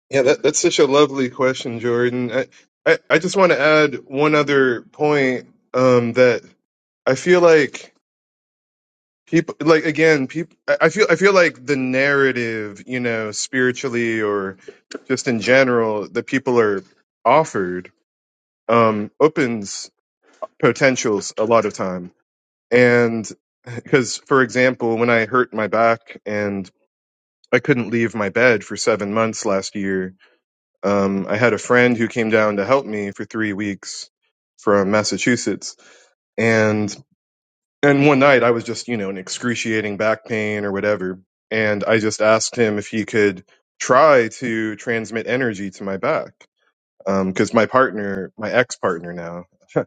Speaker 6: Yeah, that, that's such a lovely question, Jordan. I, I, I just want to add one other point um, that I feel like people, like again, people, I I feel, I feel like the narrative, you know, spiritually or just in general, that people are offered um, opens potentials a lot of time. And because, for example, when I hurt my back and I couldn't leave my bed for seven months last year, Um, I had a friend who came down to help me for three weeks from Massachusetts, and and one night I was just you know in excruciating back pain or whatever, and I just asked him if he could try to transmit energy to my back because my partner, my ex partner now,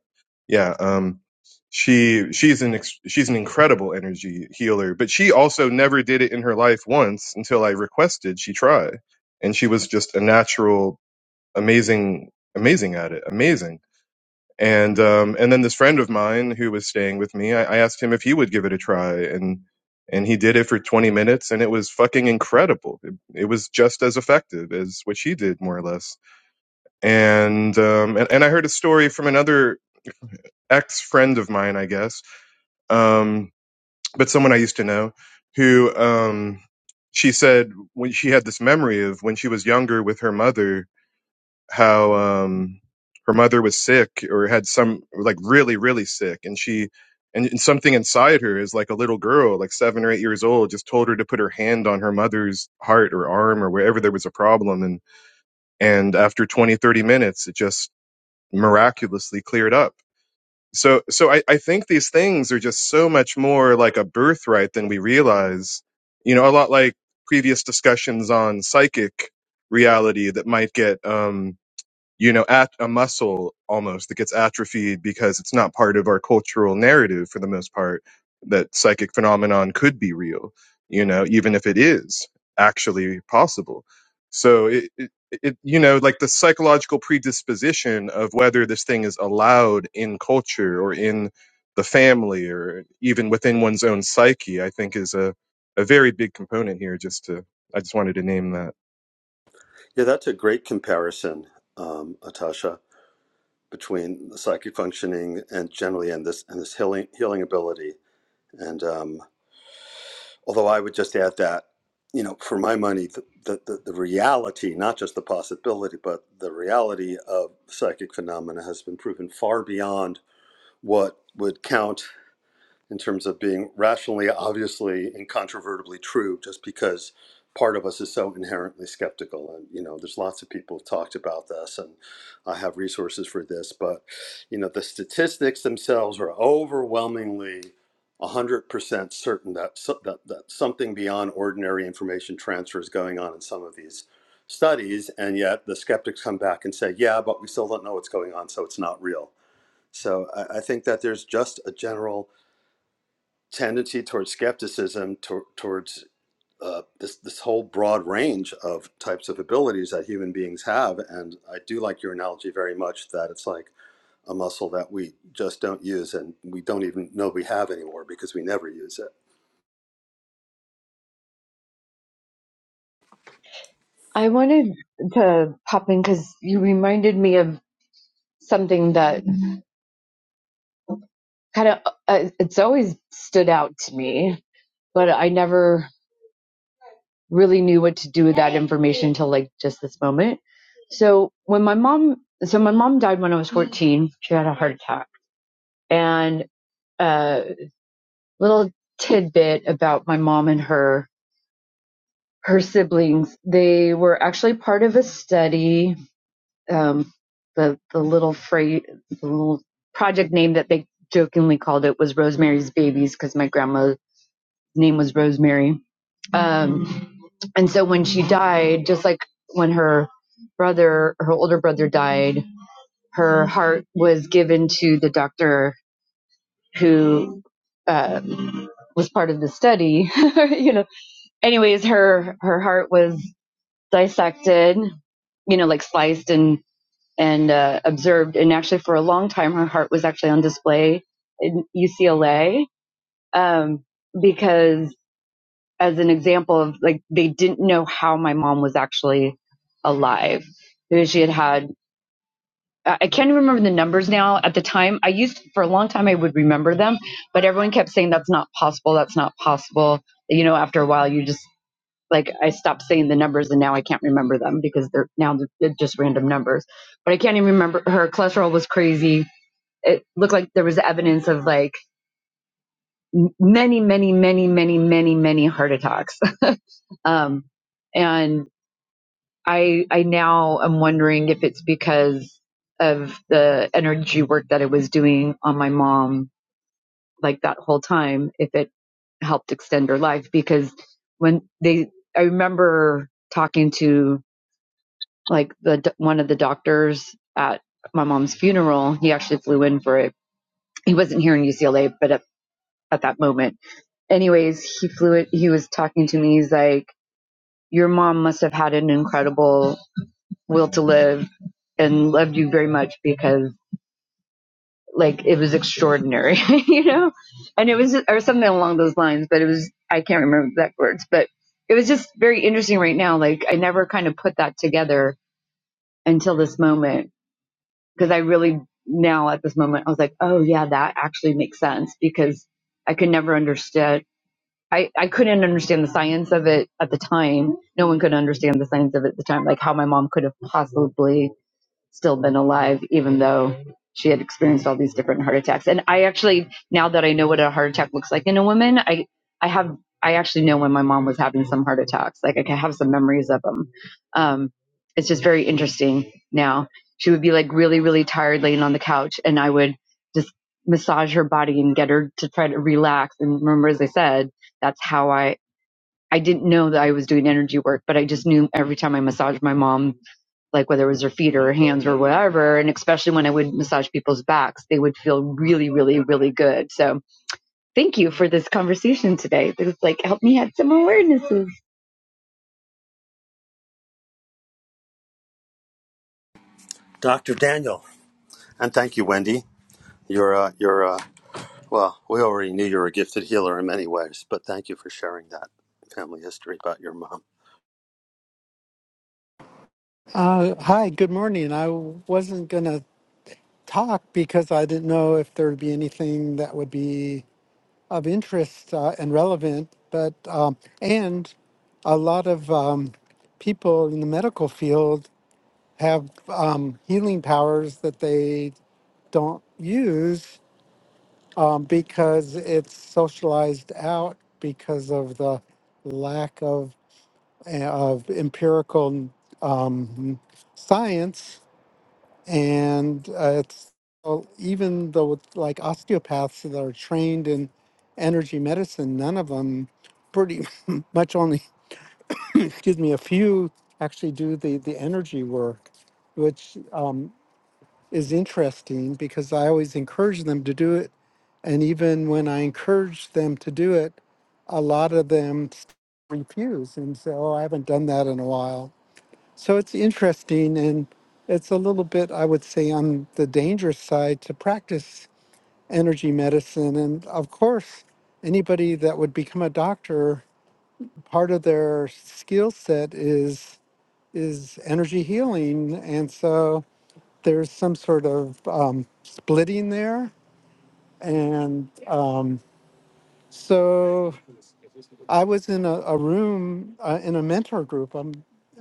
Speaker 6: yeah, um, she she's an ex- she's an incredible energy healer, but she also never did it in her life once until I requested she try, and she was just a natural amazing, amazing at it, amazing. And um, and then this friend of mine who was staying with me, I, I asked him if he would give it a try, and and he did it for 20 minutes, and it was fucking incredible. It, it was just as effective as what she did, more or less. And um, and, and I heard a story from another ex friend of mine, I guess, um, but someone I used to know, who um, she said when she had this memory of when she was younger with her mother how um her mother was sick or had some like really really sick and she and, and something inside her is like a little girl like seven or eight years old just told her to put her hand on her mother's heart or arm or wherever there was a problem and and after 20 30 minutes it just miraculously cleared up so so i, I think these things are just so much more like a birthright than we realize you know a lot like previous discussions on psychic reality that might get um you know, at a muscle almost that gets atrophied because it's not part of our cultural narrative for the most part that psychic phenomenon could be real, you know, even if it is actually possible. So it, it, it you know, like the psychological predisposition of whether this thing is allowed in culture or in the family or even within one's own psyche, I think is a, a very big component here. Just to, I just wanted to name that.
Speaker 4: I wanted to pop in because you reminded me of something that kind of uh, it's always stood out to me, but I never really knew what to do with that information until like just this moment. So when my mom, so my mom died when I was 14. She had a heart attack. And a little tidbit about my mom and her her siblings. They were actually part of a study. Um, the the little phrase, the little project name that they jokingly called it was Rosemary's Babies because my grandma name was Rosemary. Um, and so when she died, just like when her brother, her older brother died, her heart was given to the doctor who um, was part of the study. you know, anyways, her her heart was dissected, you know, like sliced and and uh, observed. And actually, for a long time, her heart was actually on display in UCLA um, because as an example of like they didn't know how my mom was actually alive because she had had I can't remember the numbers now. At the time, I used for a long time I would remember them, but everyone kept saying that's not possible, that's not possible. You know, after a while, you just like I stopped saying the numbers, and now I can't remember them because they're now they're just random numbers. But I can't even remember. Her cholesterol was crazy. It looked like there was evidence of like many, many, many, many, many, many heart attacks. Um, and I I now am wondering if it's because of the energy work that I was doing on my mom like that whole time if it helped extend her life because when they I remember talking to like the one of the doctors at my mom's funeral he actually flew in for it he wasn't here in UCLA but at, at that moment anyways he flew it he was talking to me he's like your mom must have had an incredible will to live and loved you very much because like it was extraordinary, you know, and it was or something along those lines. But it was I can't remember the exact words, but it was just very interesting right now. Like I never kind of put that together until this moment because I really now at this moment I was like, oh yeah, that actually makes sense because I could never understand. I, I couldn't understand the science of it at the time. No one could understand the science of it at the time, like how my mom could have possibly still been alive, even though she had experienced all these different heart attacks. And I actually, now that I know what a heart attack looks like in a woman, I, I have, I actually know when my mom was having some heart attacks. Like I can have some memories of them. Um, it's just very interesting now. She would be like really, really tired laying on the couch and I would just massage her body and get her to try to relax. And remember, as I said, that's how I I didn't know that I was doing energy work, but I just knew every time I massaged my mom, like whether it was her feet or her hands or whatever, and especially when I would massage people's backs, they would feel really, really, really good. So thank you for this conversation today. This like helped me have some awarenesses.
Speaker 5: Dr.
Speaker 7: Uh, hi, good morning. I wasn't going to talk because I didn't know if there would be anything that would be of interest uh, and relevant. But um, and a lot of um, people in the medical field have um, healing powers that they don't use um, because it's socialized out because of the lack of eh, of empirical um, science and uh, it's well, even though it's like osteopaths that are trained in energy medicine, none of them pretty much only excuse me a few actually do the the energy work, which uh, is interesting because I always encourage them to do it, and even when I encourage them to do it, a lot of them refuse and say, "Oh, I haven't done that in a while." So it's interesting, and it's a little bit, I would say, on the dangerous side to practice energy medicine. And of course, anybody that would become a doctor, part of their skill set is is energy healing, and so there's some sort of um, splitting there. And um, so I was in a, a room uh, in a mentor group. Um,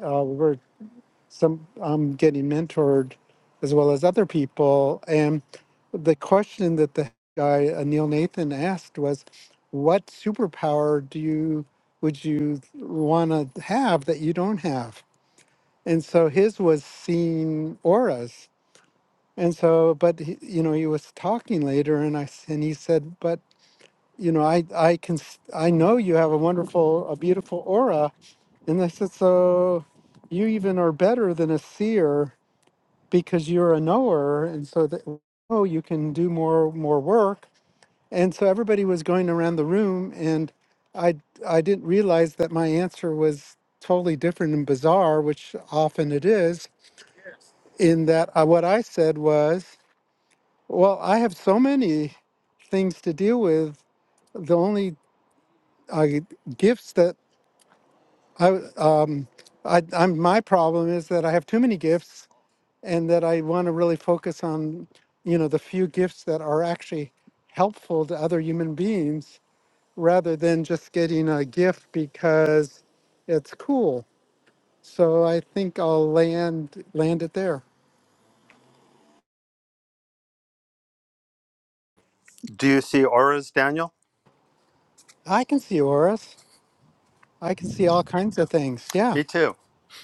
Speaker 7: uh, we were some I'm getting mentored as well as other people. And the question that the guy uh, Neil Nathan asked was, "What superpower do you would you want to have that you don't have?" And so his was seeing auras. And so, but he, you know, he was talking later, and I s- and he said, "But you know, I I can s- I know you have a wonderful, a beautiful aura." And I said, "So you even are better than a seer." because you're a knower and so that oh you can do more more work and so everybody was going around the room and i i didn't realize that my answer was totally different and bizarre which often it is in that I, what i said was well i have so many things to deal with the only uh, gifts that I, I i'm my problem is that i have too many gifts and that I want to really focus on, you know, the few gifts that are actually helpful to other human beings rather than just getting a gift because it's cool. So I think I'll land land it there. I can see auras. I can see all kinds of things. Yeah.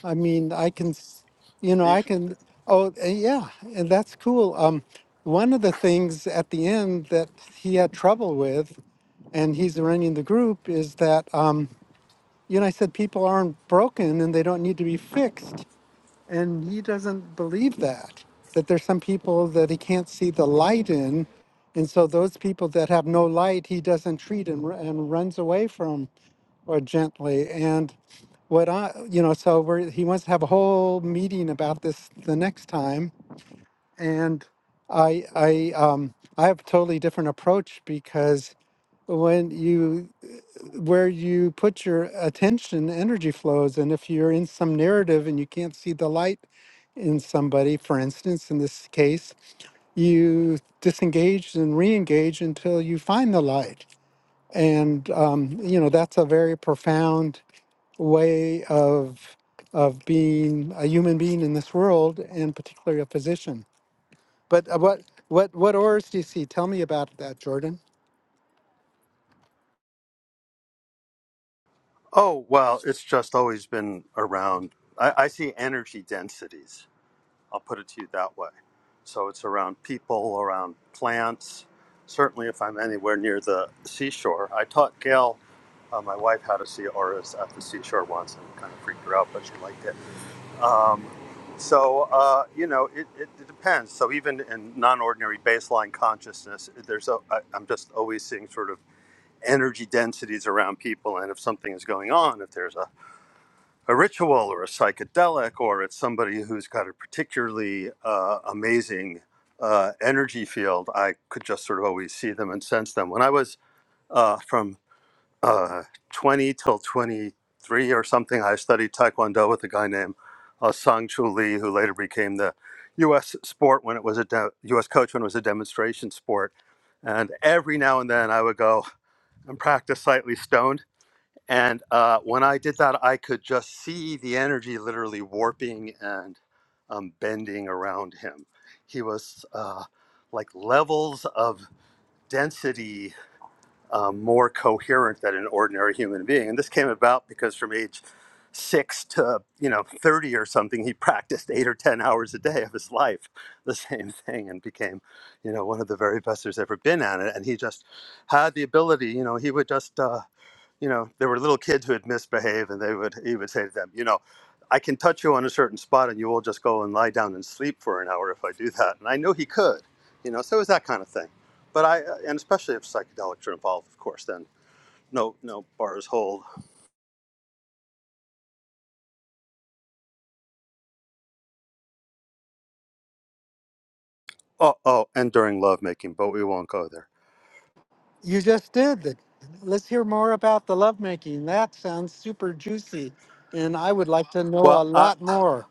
Speaker 7: I mean, I can, s- you know, I can. Oh, uh, yeah, and that's cool. Um, one of the things at the end that he had trouble with, and he's running the group, is that. Um, you know, I said people aren't broken and they don't need to be fixed. And he doesn't believe that, that there's some people that he can't see the light in. And so those people that have no light, he doesn't treat and, ru- and runs away from or gently. And what I, you know, so we're, he wants to have a whole meeting about this the next time. And I, I, um, I have a totally different approach because when you where you put your attention energy flows and if you're in some narrative and you can't see the light in somebody for instance in this case you disengage and re-engage until you find the light and um, you know that's a very profound way of of being a human being in this world and particularly a physician but uh, what what what auras do you see tell me about that jordan You just did. Let's hear more about the lovemaking. That sounds super juicy. And I would like to know a lot more.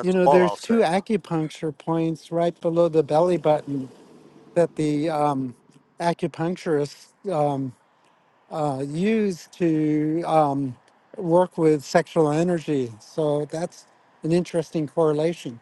Speaker 7: You know, there's two acupuncture points right below the belly button that the um, acupuncturists uh, use to um, work with sexual energy. So that's an interesting correlation.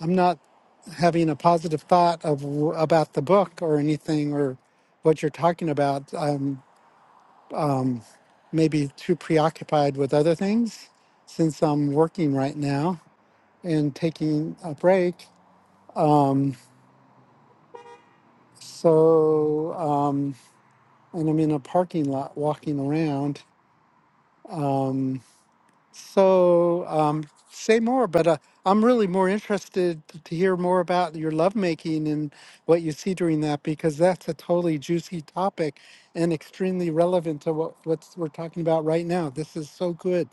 Speaker 7: I'm not having a positive thought of w- about the book or anything or what you're talking about. Um maybe too preoccupied with other things since I'm working right now and taking a break. Um, so, um, and I'm in a parking lot walking around. So, um, say more, but uh, I'm really more interested to hear more about your lovemaking and what you see during that because that's a totally juicy topic and extremely relevant to what what's, we're talking about right now. This is so good.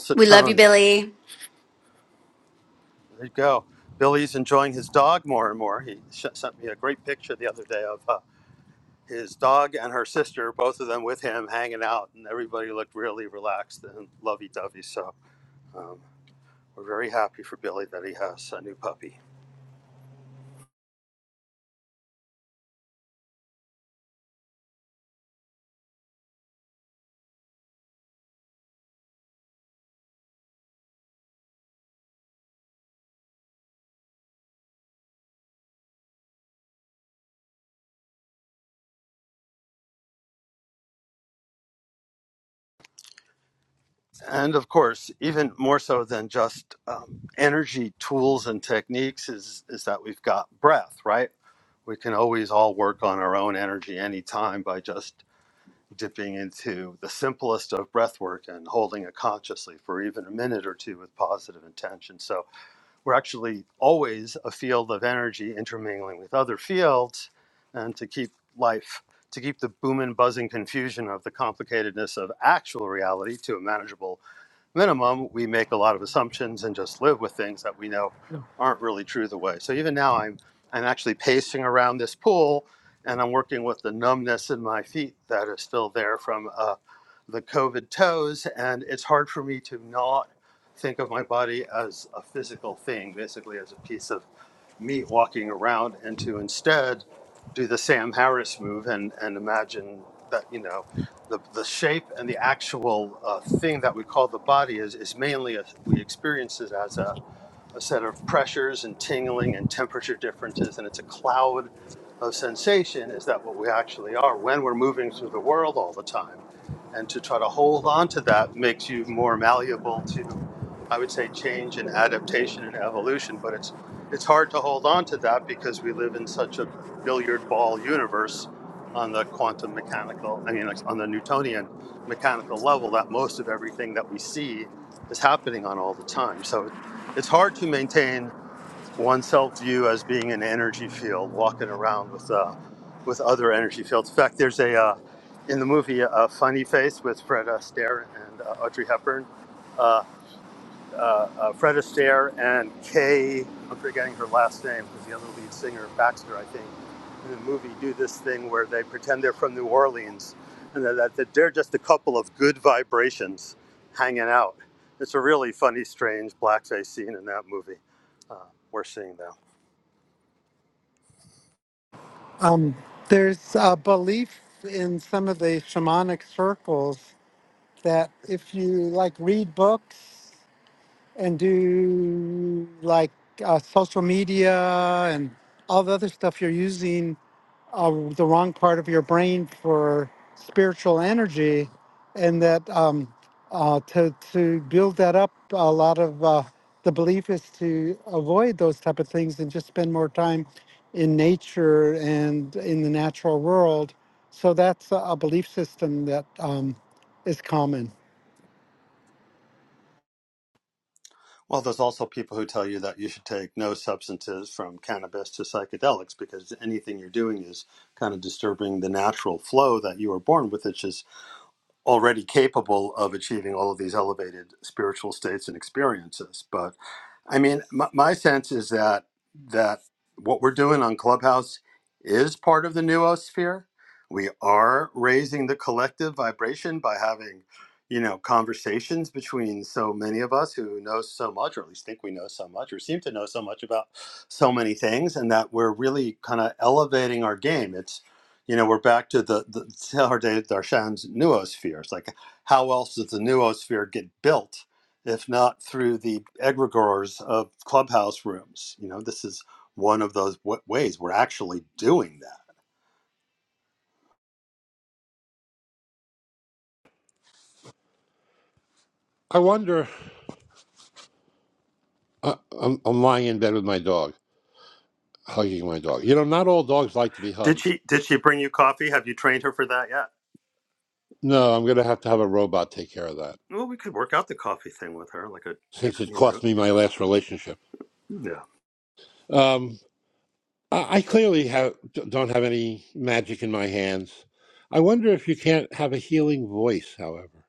Speaker 1: we love you, Billy.
Speaker 7: There's a belief in some of the shamanic circles that if you like read books and do like uh, social media and all the other stuff you're using uh, the wrong part of your brain for spiritual energy, and that um, uh, to to build that up, a lot of uh, the belief is to avoid those type of things and just spend more time in nature and in the natural world. So that's a a belief system that um, is common.
Speaker 8: I wonder. I, I'm, I'm lying in bed with my dog, hugging my dog. You know, not all dogs like to be hugged. No, I'm going to have to have a robot take care of that since it cost me my last relationship. Um, I, I clearly have don't have any magic in my hands. I wonder if you can't have a healing voice, however.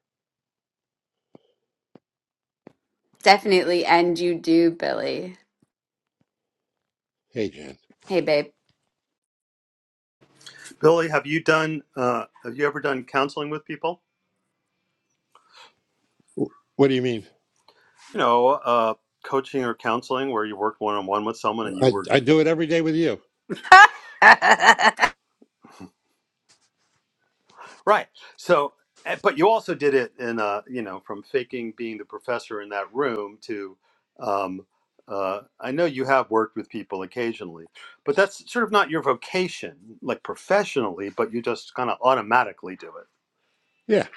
Speaker 1: Definitely. And you do, Billy.
Speaker 8: Hey, Jan.
Speaker 1: Hey, babe.
Speaker 8: W- What do you mean? I, I do it every day with you. Yeah,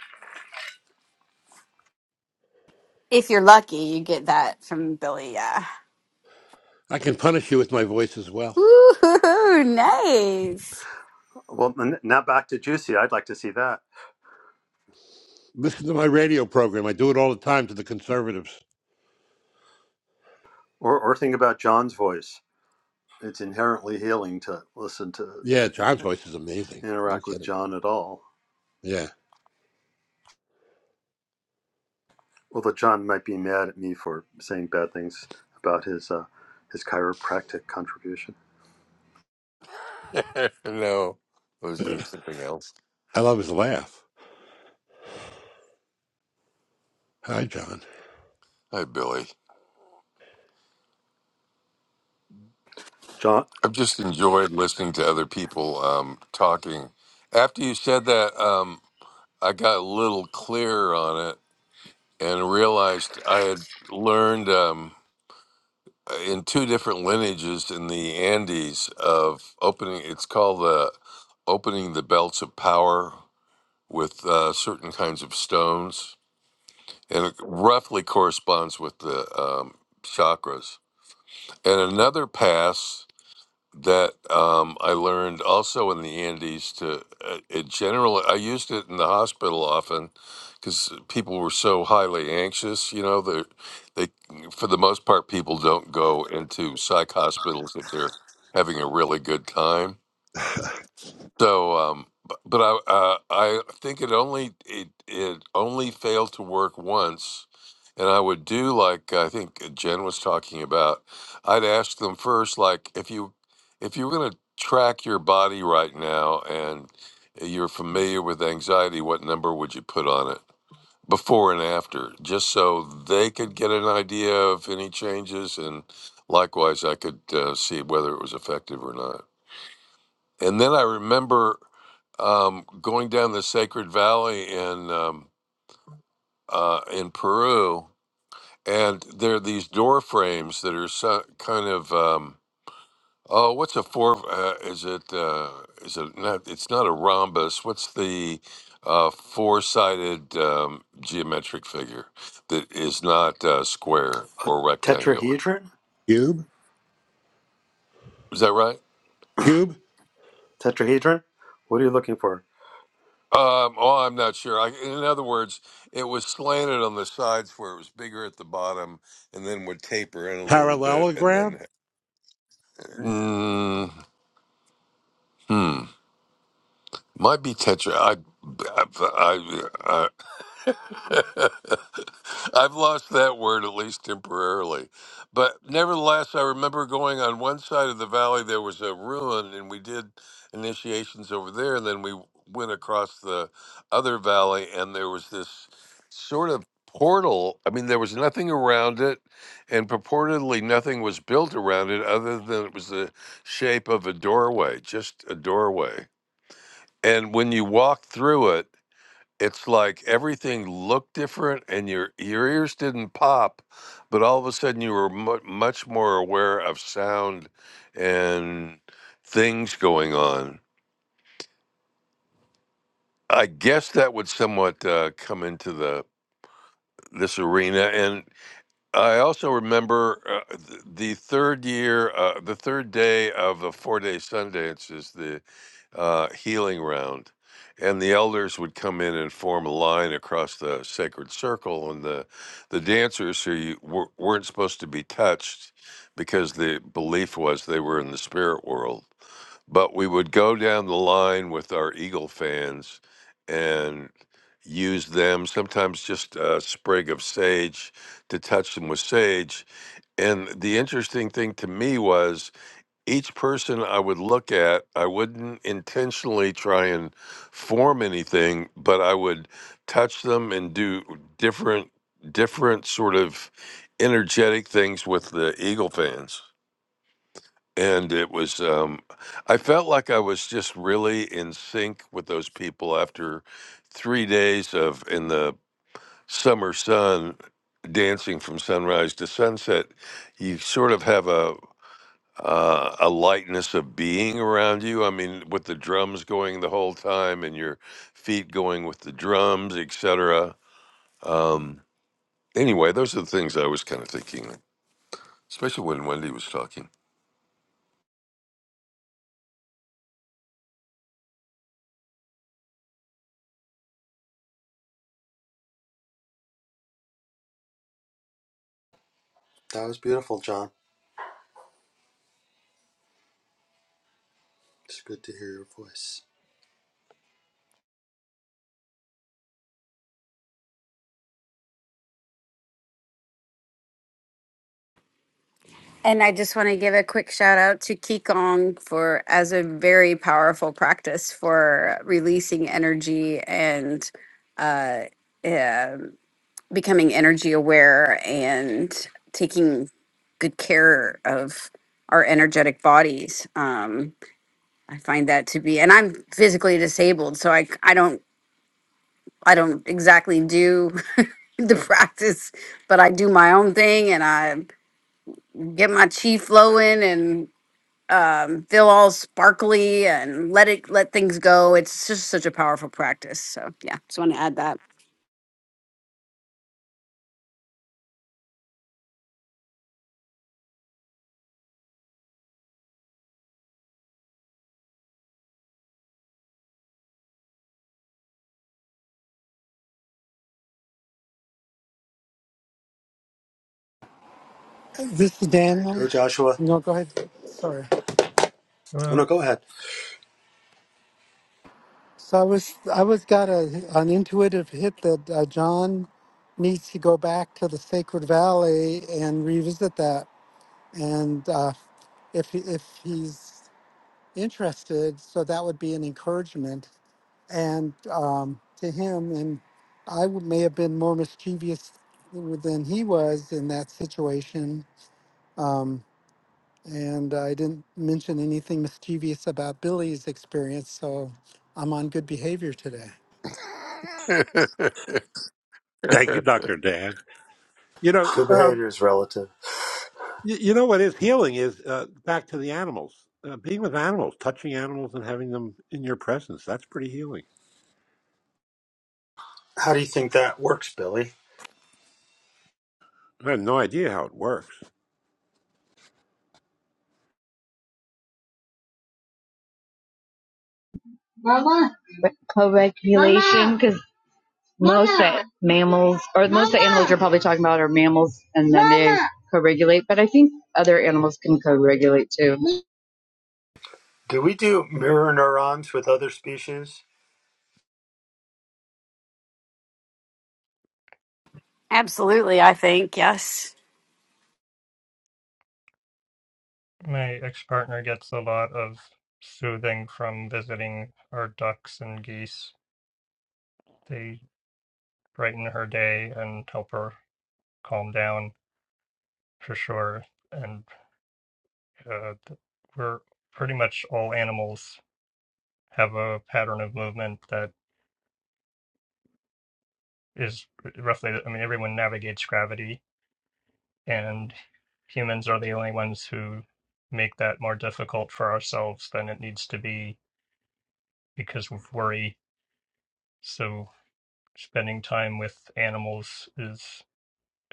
Speaker 1: if you're lucky, you get that from Billy. Yeah.
Speaker 8: I can punish you with my voice as well.
Speaker 1: Woo, nice.
Speaker 8: Listen to my radio program. I do it all the time to the conservatives. Yeah, John's voice is amazing. No kidding. Yeah.
Speaker 3: no, I was doing
Speaker 8: I
Speaker 3: something else.
Speaker 8: love his laugh. Hi, John.
Speaker 3: Hi, Billy. I've just enjoyed listening to other people um, talking. After you said that, um, I got a little clearer on it and realized I had learned. Um, in two different lineages in the Andes of opening. It's called the opening the belts of power with uh, certain kinds of stones, and it roughly corresponds with the um, chakras. And another pass that um, I learned also in the Andes to uh, it generally I used it in the hospital often because people were so highly anxious. You know, they they for the most part people don't go into psych hospitals if they're having a really good time so, um, bu- but I uh, I think it only it it only failed to work once, and I would do like I think Jen was talking about. I'd ask them first, like if you if you were going to track your body right now and you're familiar with anxiety, what number would you put on it before and after, just so they could get an idea of any changes, and likewise I could uh, see whether it was effective or not. And then I remember um, going down the Sacred Valley in um, uh, in Peru, and there are these door frames that are so, kind of um, oh, what's a four? Uh, is it uh, is it not? It's not a rhombus. What's the uh, four sided um, geometric figure that is not uh, square or rectangular?
Speaker 8: Cube?
Speaker 3: Is that right?
Speaker 8: Cube?
Speaker 3: Um, oh, I'm not sure. I, in other words, it was slanted on the sides where it was bigger at the bottom, and then would taper in a little bit, and then
Speaker 8: Parallelogram?
Speaker 3: mm, hmm, might be tetra. I, I, I, I've lost that word, at least temporarily. But nevertheless, I remember going on one side of the valley, there was a ruin, and we did initiations over there. And then we went across the other valley, and there was this sort of portal. I mean, there was nothing around it, and purportedly nothing was built around it other than it was the shape of a doorway, just a doorway. And when you walked through it, it's like everything looked different and your your ears didn't pop but all of a sudden you were mu- much more aware of sound and things going on i guess that would somewhat uh, come into the this arena and. I also remember uh, th- the third year, uh, the third day of the four day Sundance is the uh, healing round. And the elders would come in and form a line across the sacred circle, and the, the dancers who you were, weren't supposed to be touched because the belief was they were in the spirit world but we would go down the line with our Eagle fans and use them, sometimes just a sprig of sage to touch them with sage. And the interesting thing to me was each person I would look at, I wouldn't intentionally try and form anything, but I would touch them and do different different sort of energetic things with the Eagle fans and it was um i felt like i was just really in sync with those people after three days of in the summer sun dancing from sunrise to sunset you sort of have a uh, a lightness of being around you i mean with the drums going the whole time and your feet going with the drums etc um anyway those are the things i was kind of thinking especially when wendy was talking
Speaker 1: And I just want to give a quick shout out to Qigong for as a very powerful practice for releasing energy and uh, yeah. becoming energy aware and taking good care of our energetic bodies. Um, I find that to be, and I'm physically disabled, so I I don't I don't exactly do the practice, but I do my own thing and I get my chi flowing and um, feel all sparkly and let it let things go. It's just such a powerful practice. So yeah, just want to add that.
Speaker 7: This is Daniel. No, go ahead. Sorry.
Speaker 9: Well,
Speaker 7: So I was I was got a an intuitive hit that uh, John needs to go back to the Sacred Valley and revisit that, and uh, if he- if he's interested, so that would be an encouragement and um, to him. And I w- may have been more mischievous than he was in that situation. Um, and I didn't mention anything mischievous about Billy's experience, so I'm on good behavior today.
Speaker 8: Thank you, Dr. Dan. You know, um, you, you know what is healing is uh, back to the animals, uh, being with animals, touching animals and having them in your presence. That's pretty healing. I have no idea how it works.
Speaker 4: Mama. Co-regulation, because most that mammals or most the animals you're probably talking about are mammals, and then they co-regulate. But I think other animals can co-regulate too.
Speaker 1: Absolutely, I think yes.
Speaker 9: my ex-partner gets a lot of soothing from visiting her ducks and geese. They brighten her day and help her calm down for sure. And uh, th- we're pretty much all animals have a pattern of movement that is roughly, I mean, everyone navigates gravity, and humans are the only ones who make that more difficult for ourselves than it needs to be because of worry. So spending time with animals is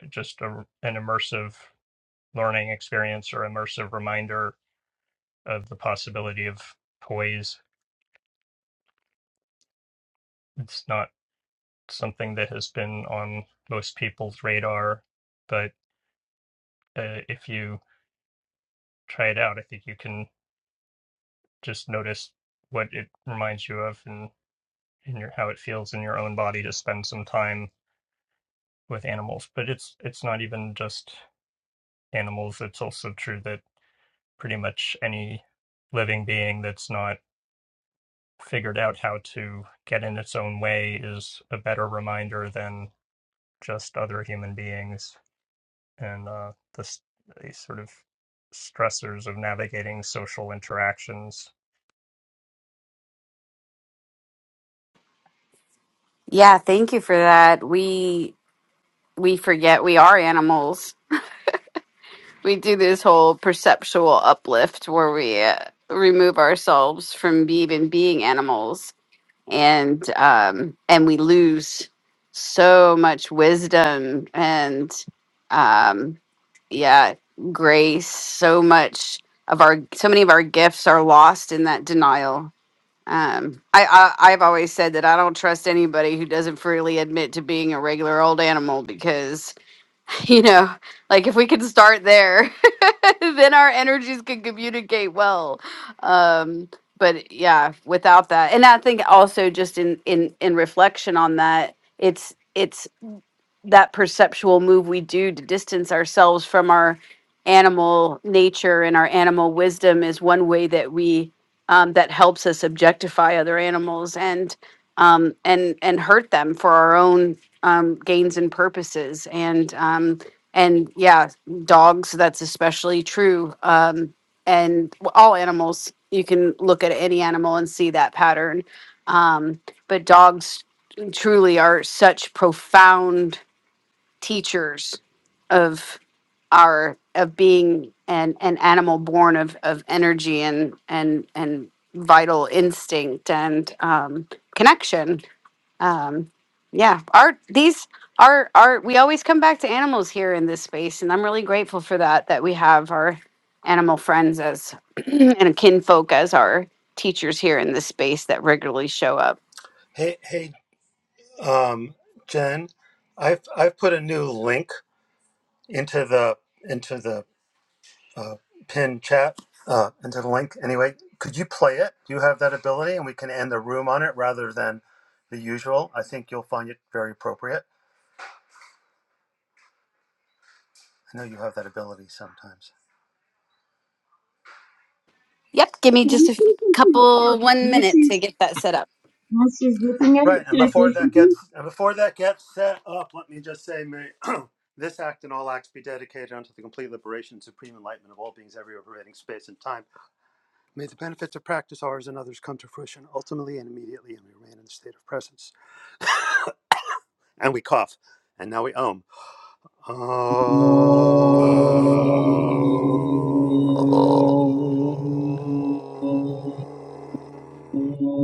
Speaker 9: just a, an immersive learning experience or immersive reminder of the possibility of toys. It's not something that has been on most people's radar, but uh, if you try it out, I think you can just notice what it reminds you of and in your how it feels in your own body to spend some time with animals. But it's it's not even just animals. It's also true that pretty much any living being that's not figured out how to get in its own way is a better reminder than just other human beings and uh, the the sort of stressors of navigating social interactions
Speaker 1: Yeah, thank you for that. We we forget we are animals. We do this whole perceptual uplift where we uh, remove ourselves from even being animals, and um, and we lose so much wisdom and um, yeah, grace. So much of our so many of our gifts are lost in that denial. Um, I, I I've always said that I don't trust anybody who doesn't freely admit to being a regular old animal because you know like if we could start there then our energies can communicate well um but yeah without that and i think also just in in in reflection on that it's it's that perceptual move we do to distance ourselves from our animal nature and our animal wisdom is one way that we um, that helps us objectify other animals and um, and and hurt them for our own um, gains and purposes and um, and yeah dogs that's especially true um, and w- all animals you can look at any animal and see that pattern um, but dogs truly are such profound teachers of our of being an an animal born of of energy and and and vital instinct and um connection um yeah our these our our we always come back to animals here in this space and i'm really grateful for that that we have our animal friends as and kinfolk as our teachers here in this space that regularly show up yep give me just a f- couple one minute to get that set up
Speaker 4: While she's looking at it, can I say something?
Speaker 8: Oh.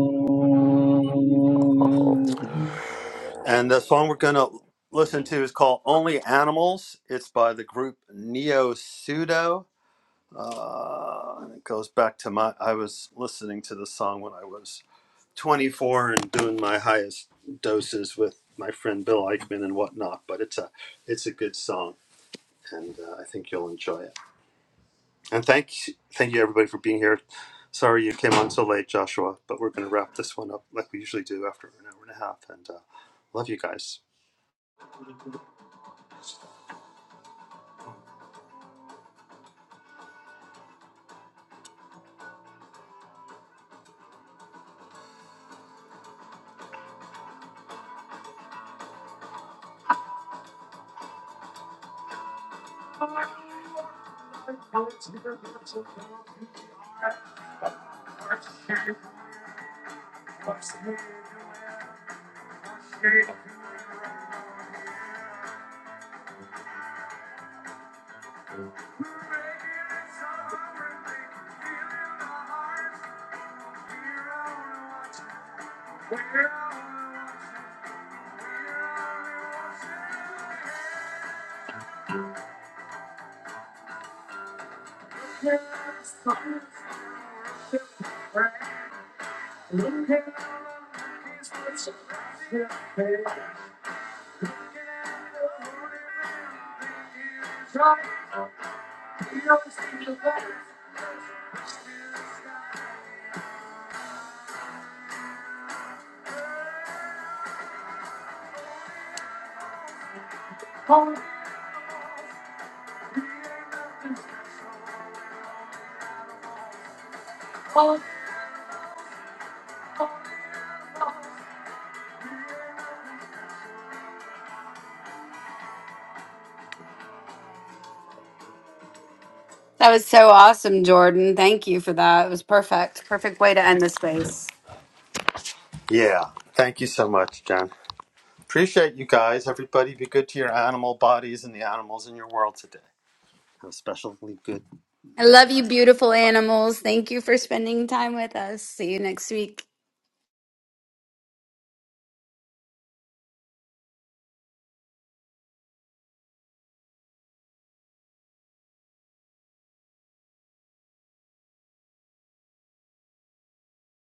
Speaker 4: Oh.
Speaker 1: That was so awesome, Jordan. Thank you for that. It was perfect. Perfect way to end the space. I love you, beautiful animals. Thank you for spending time with us. See you next week.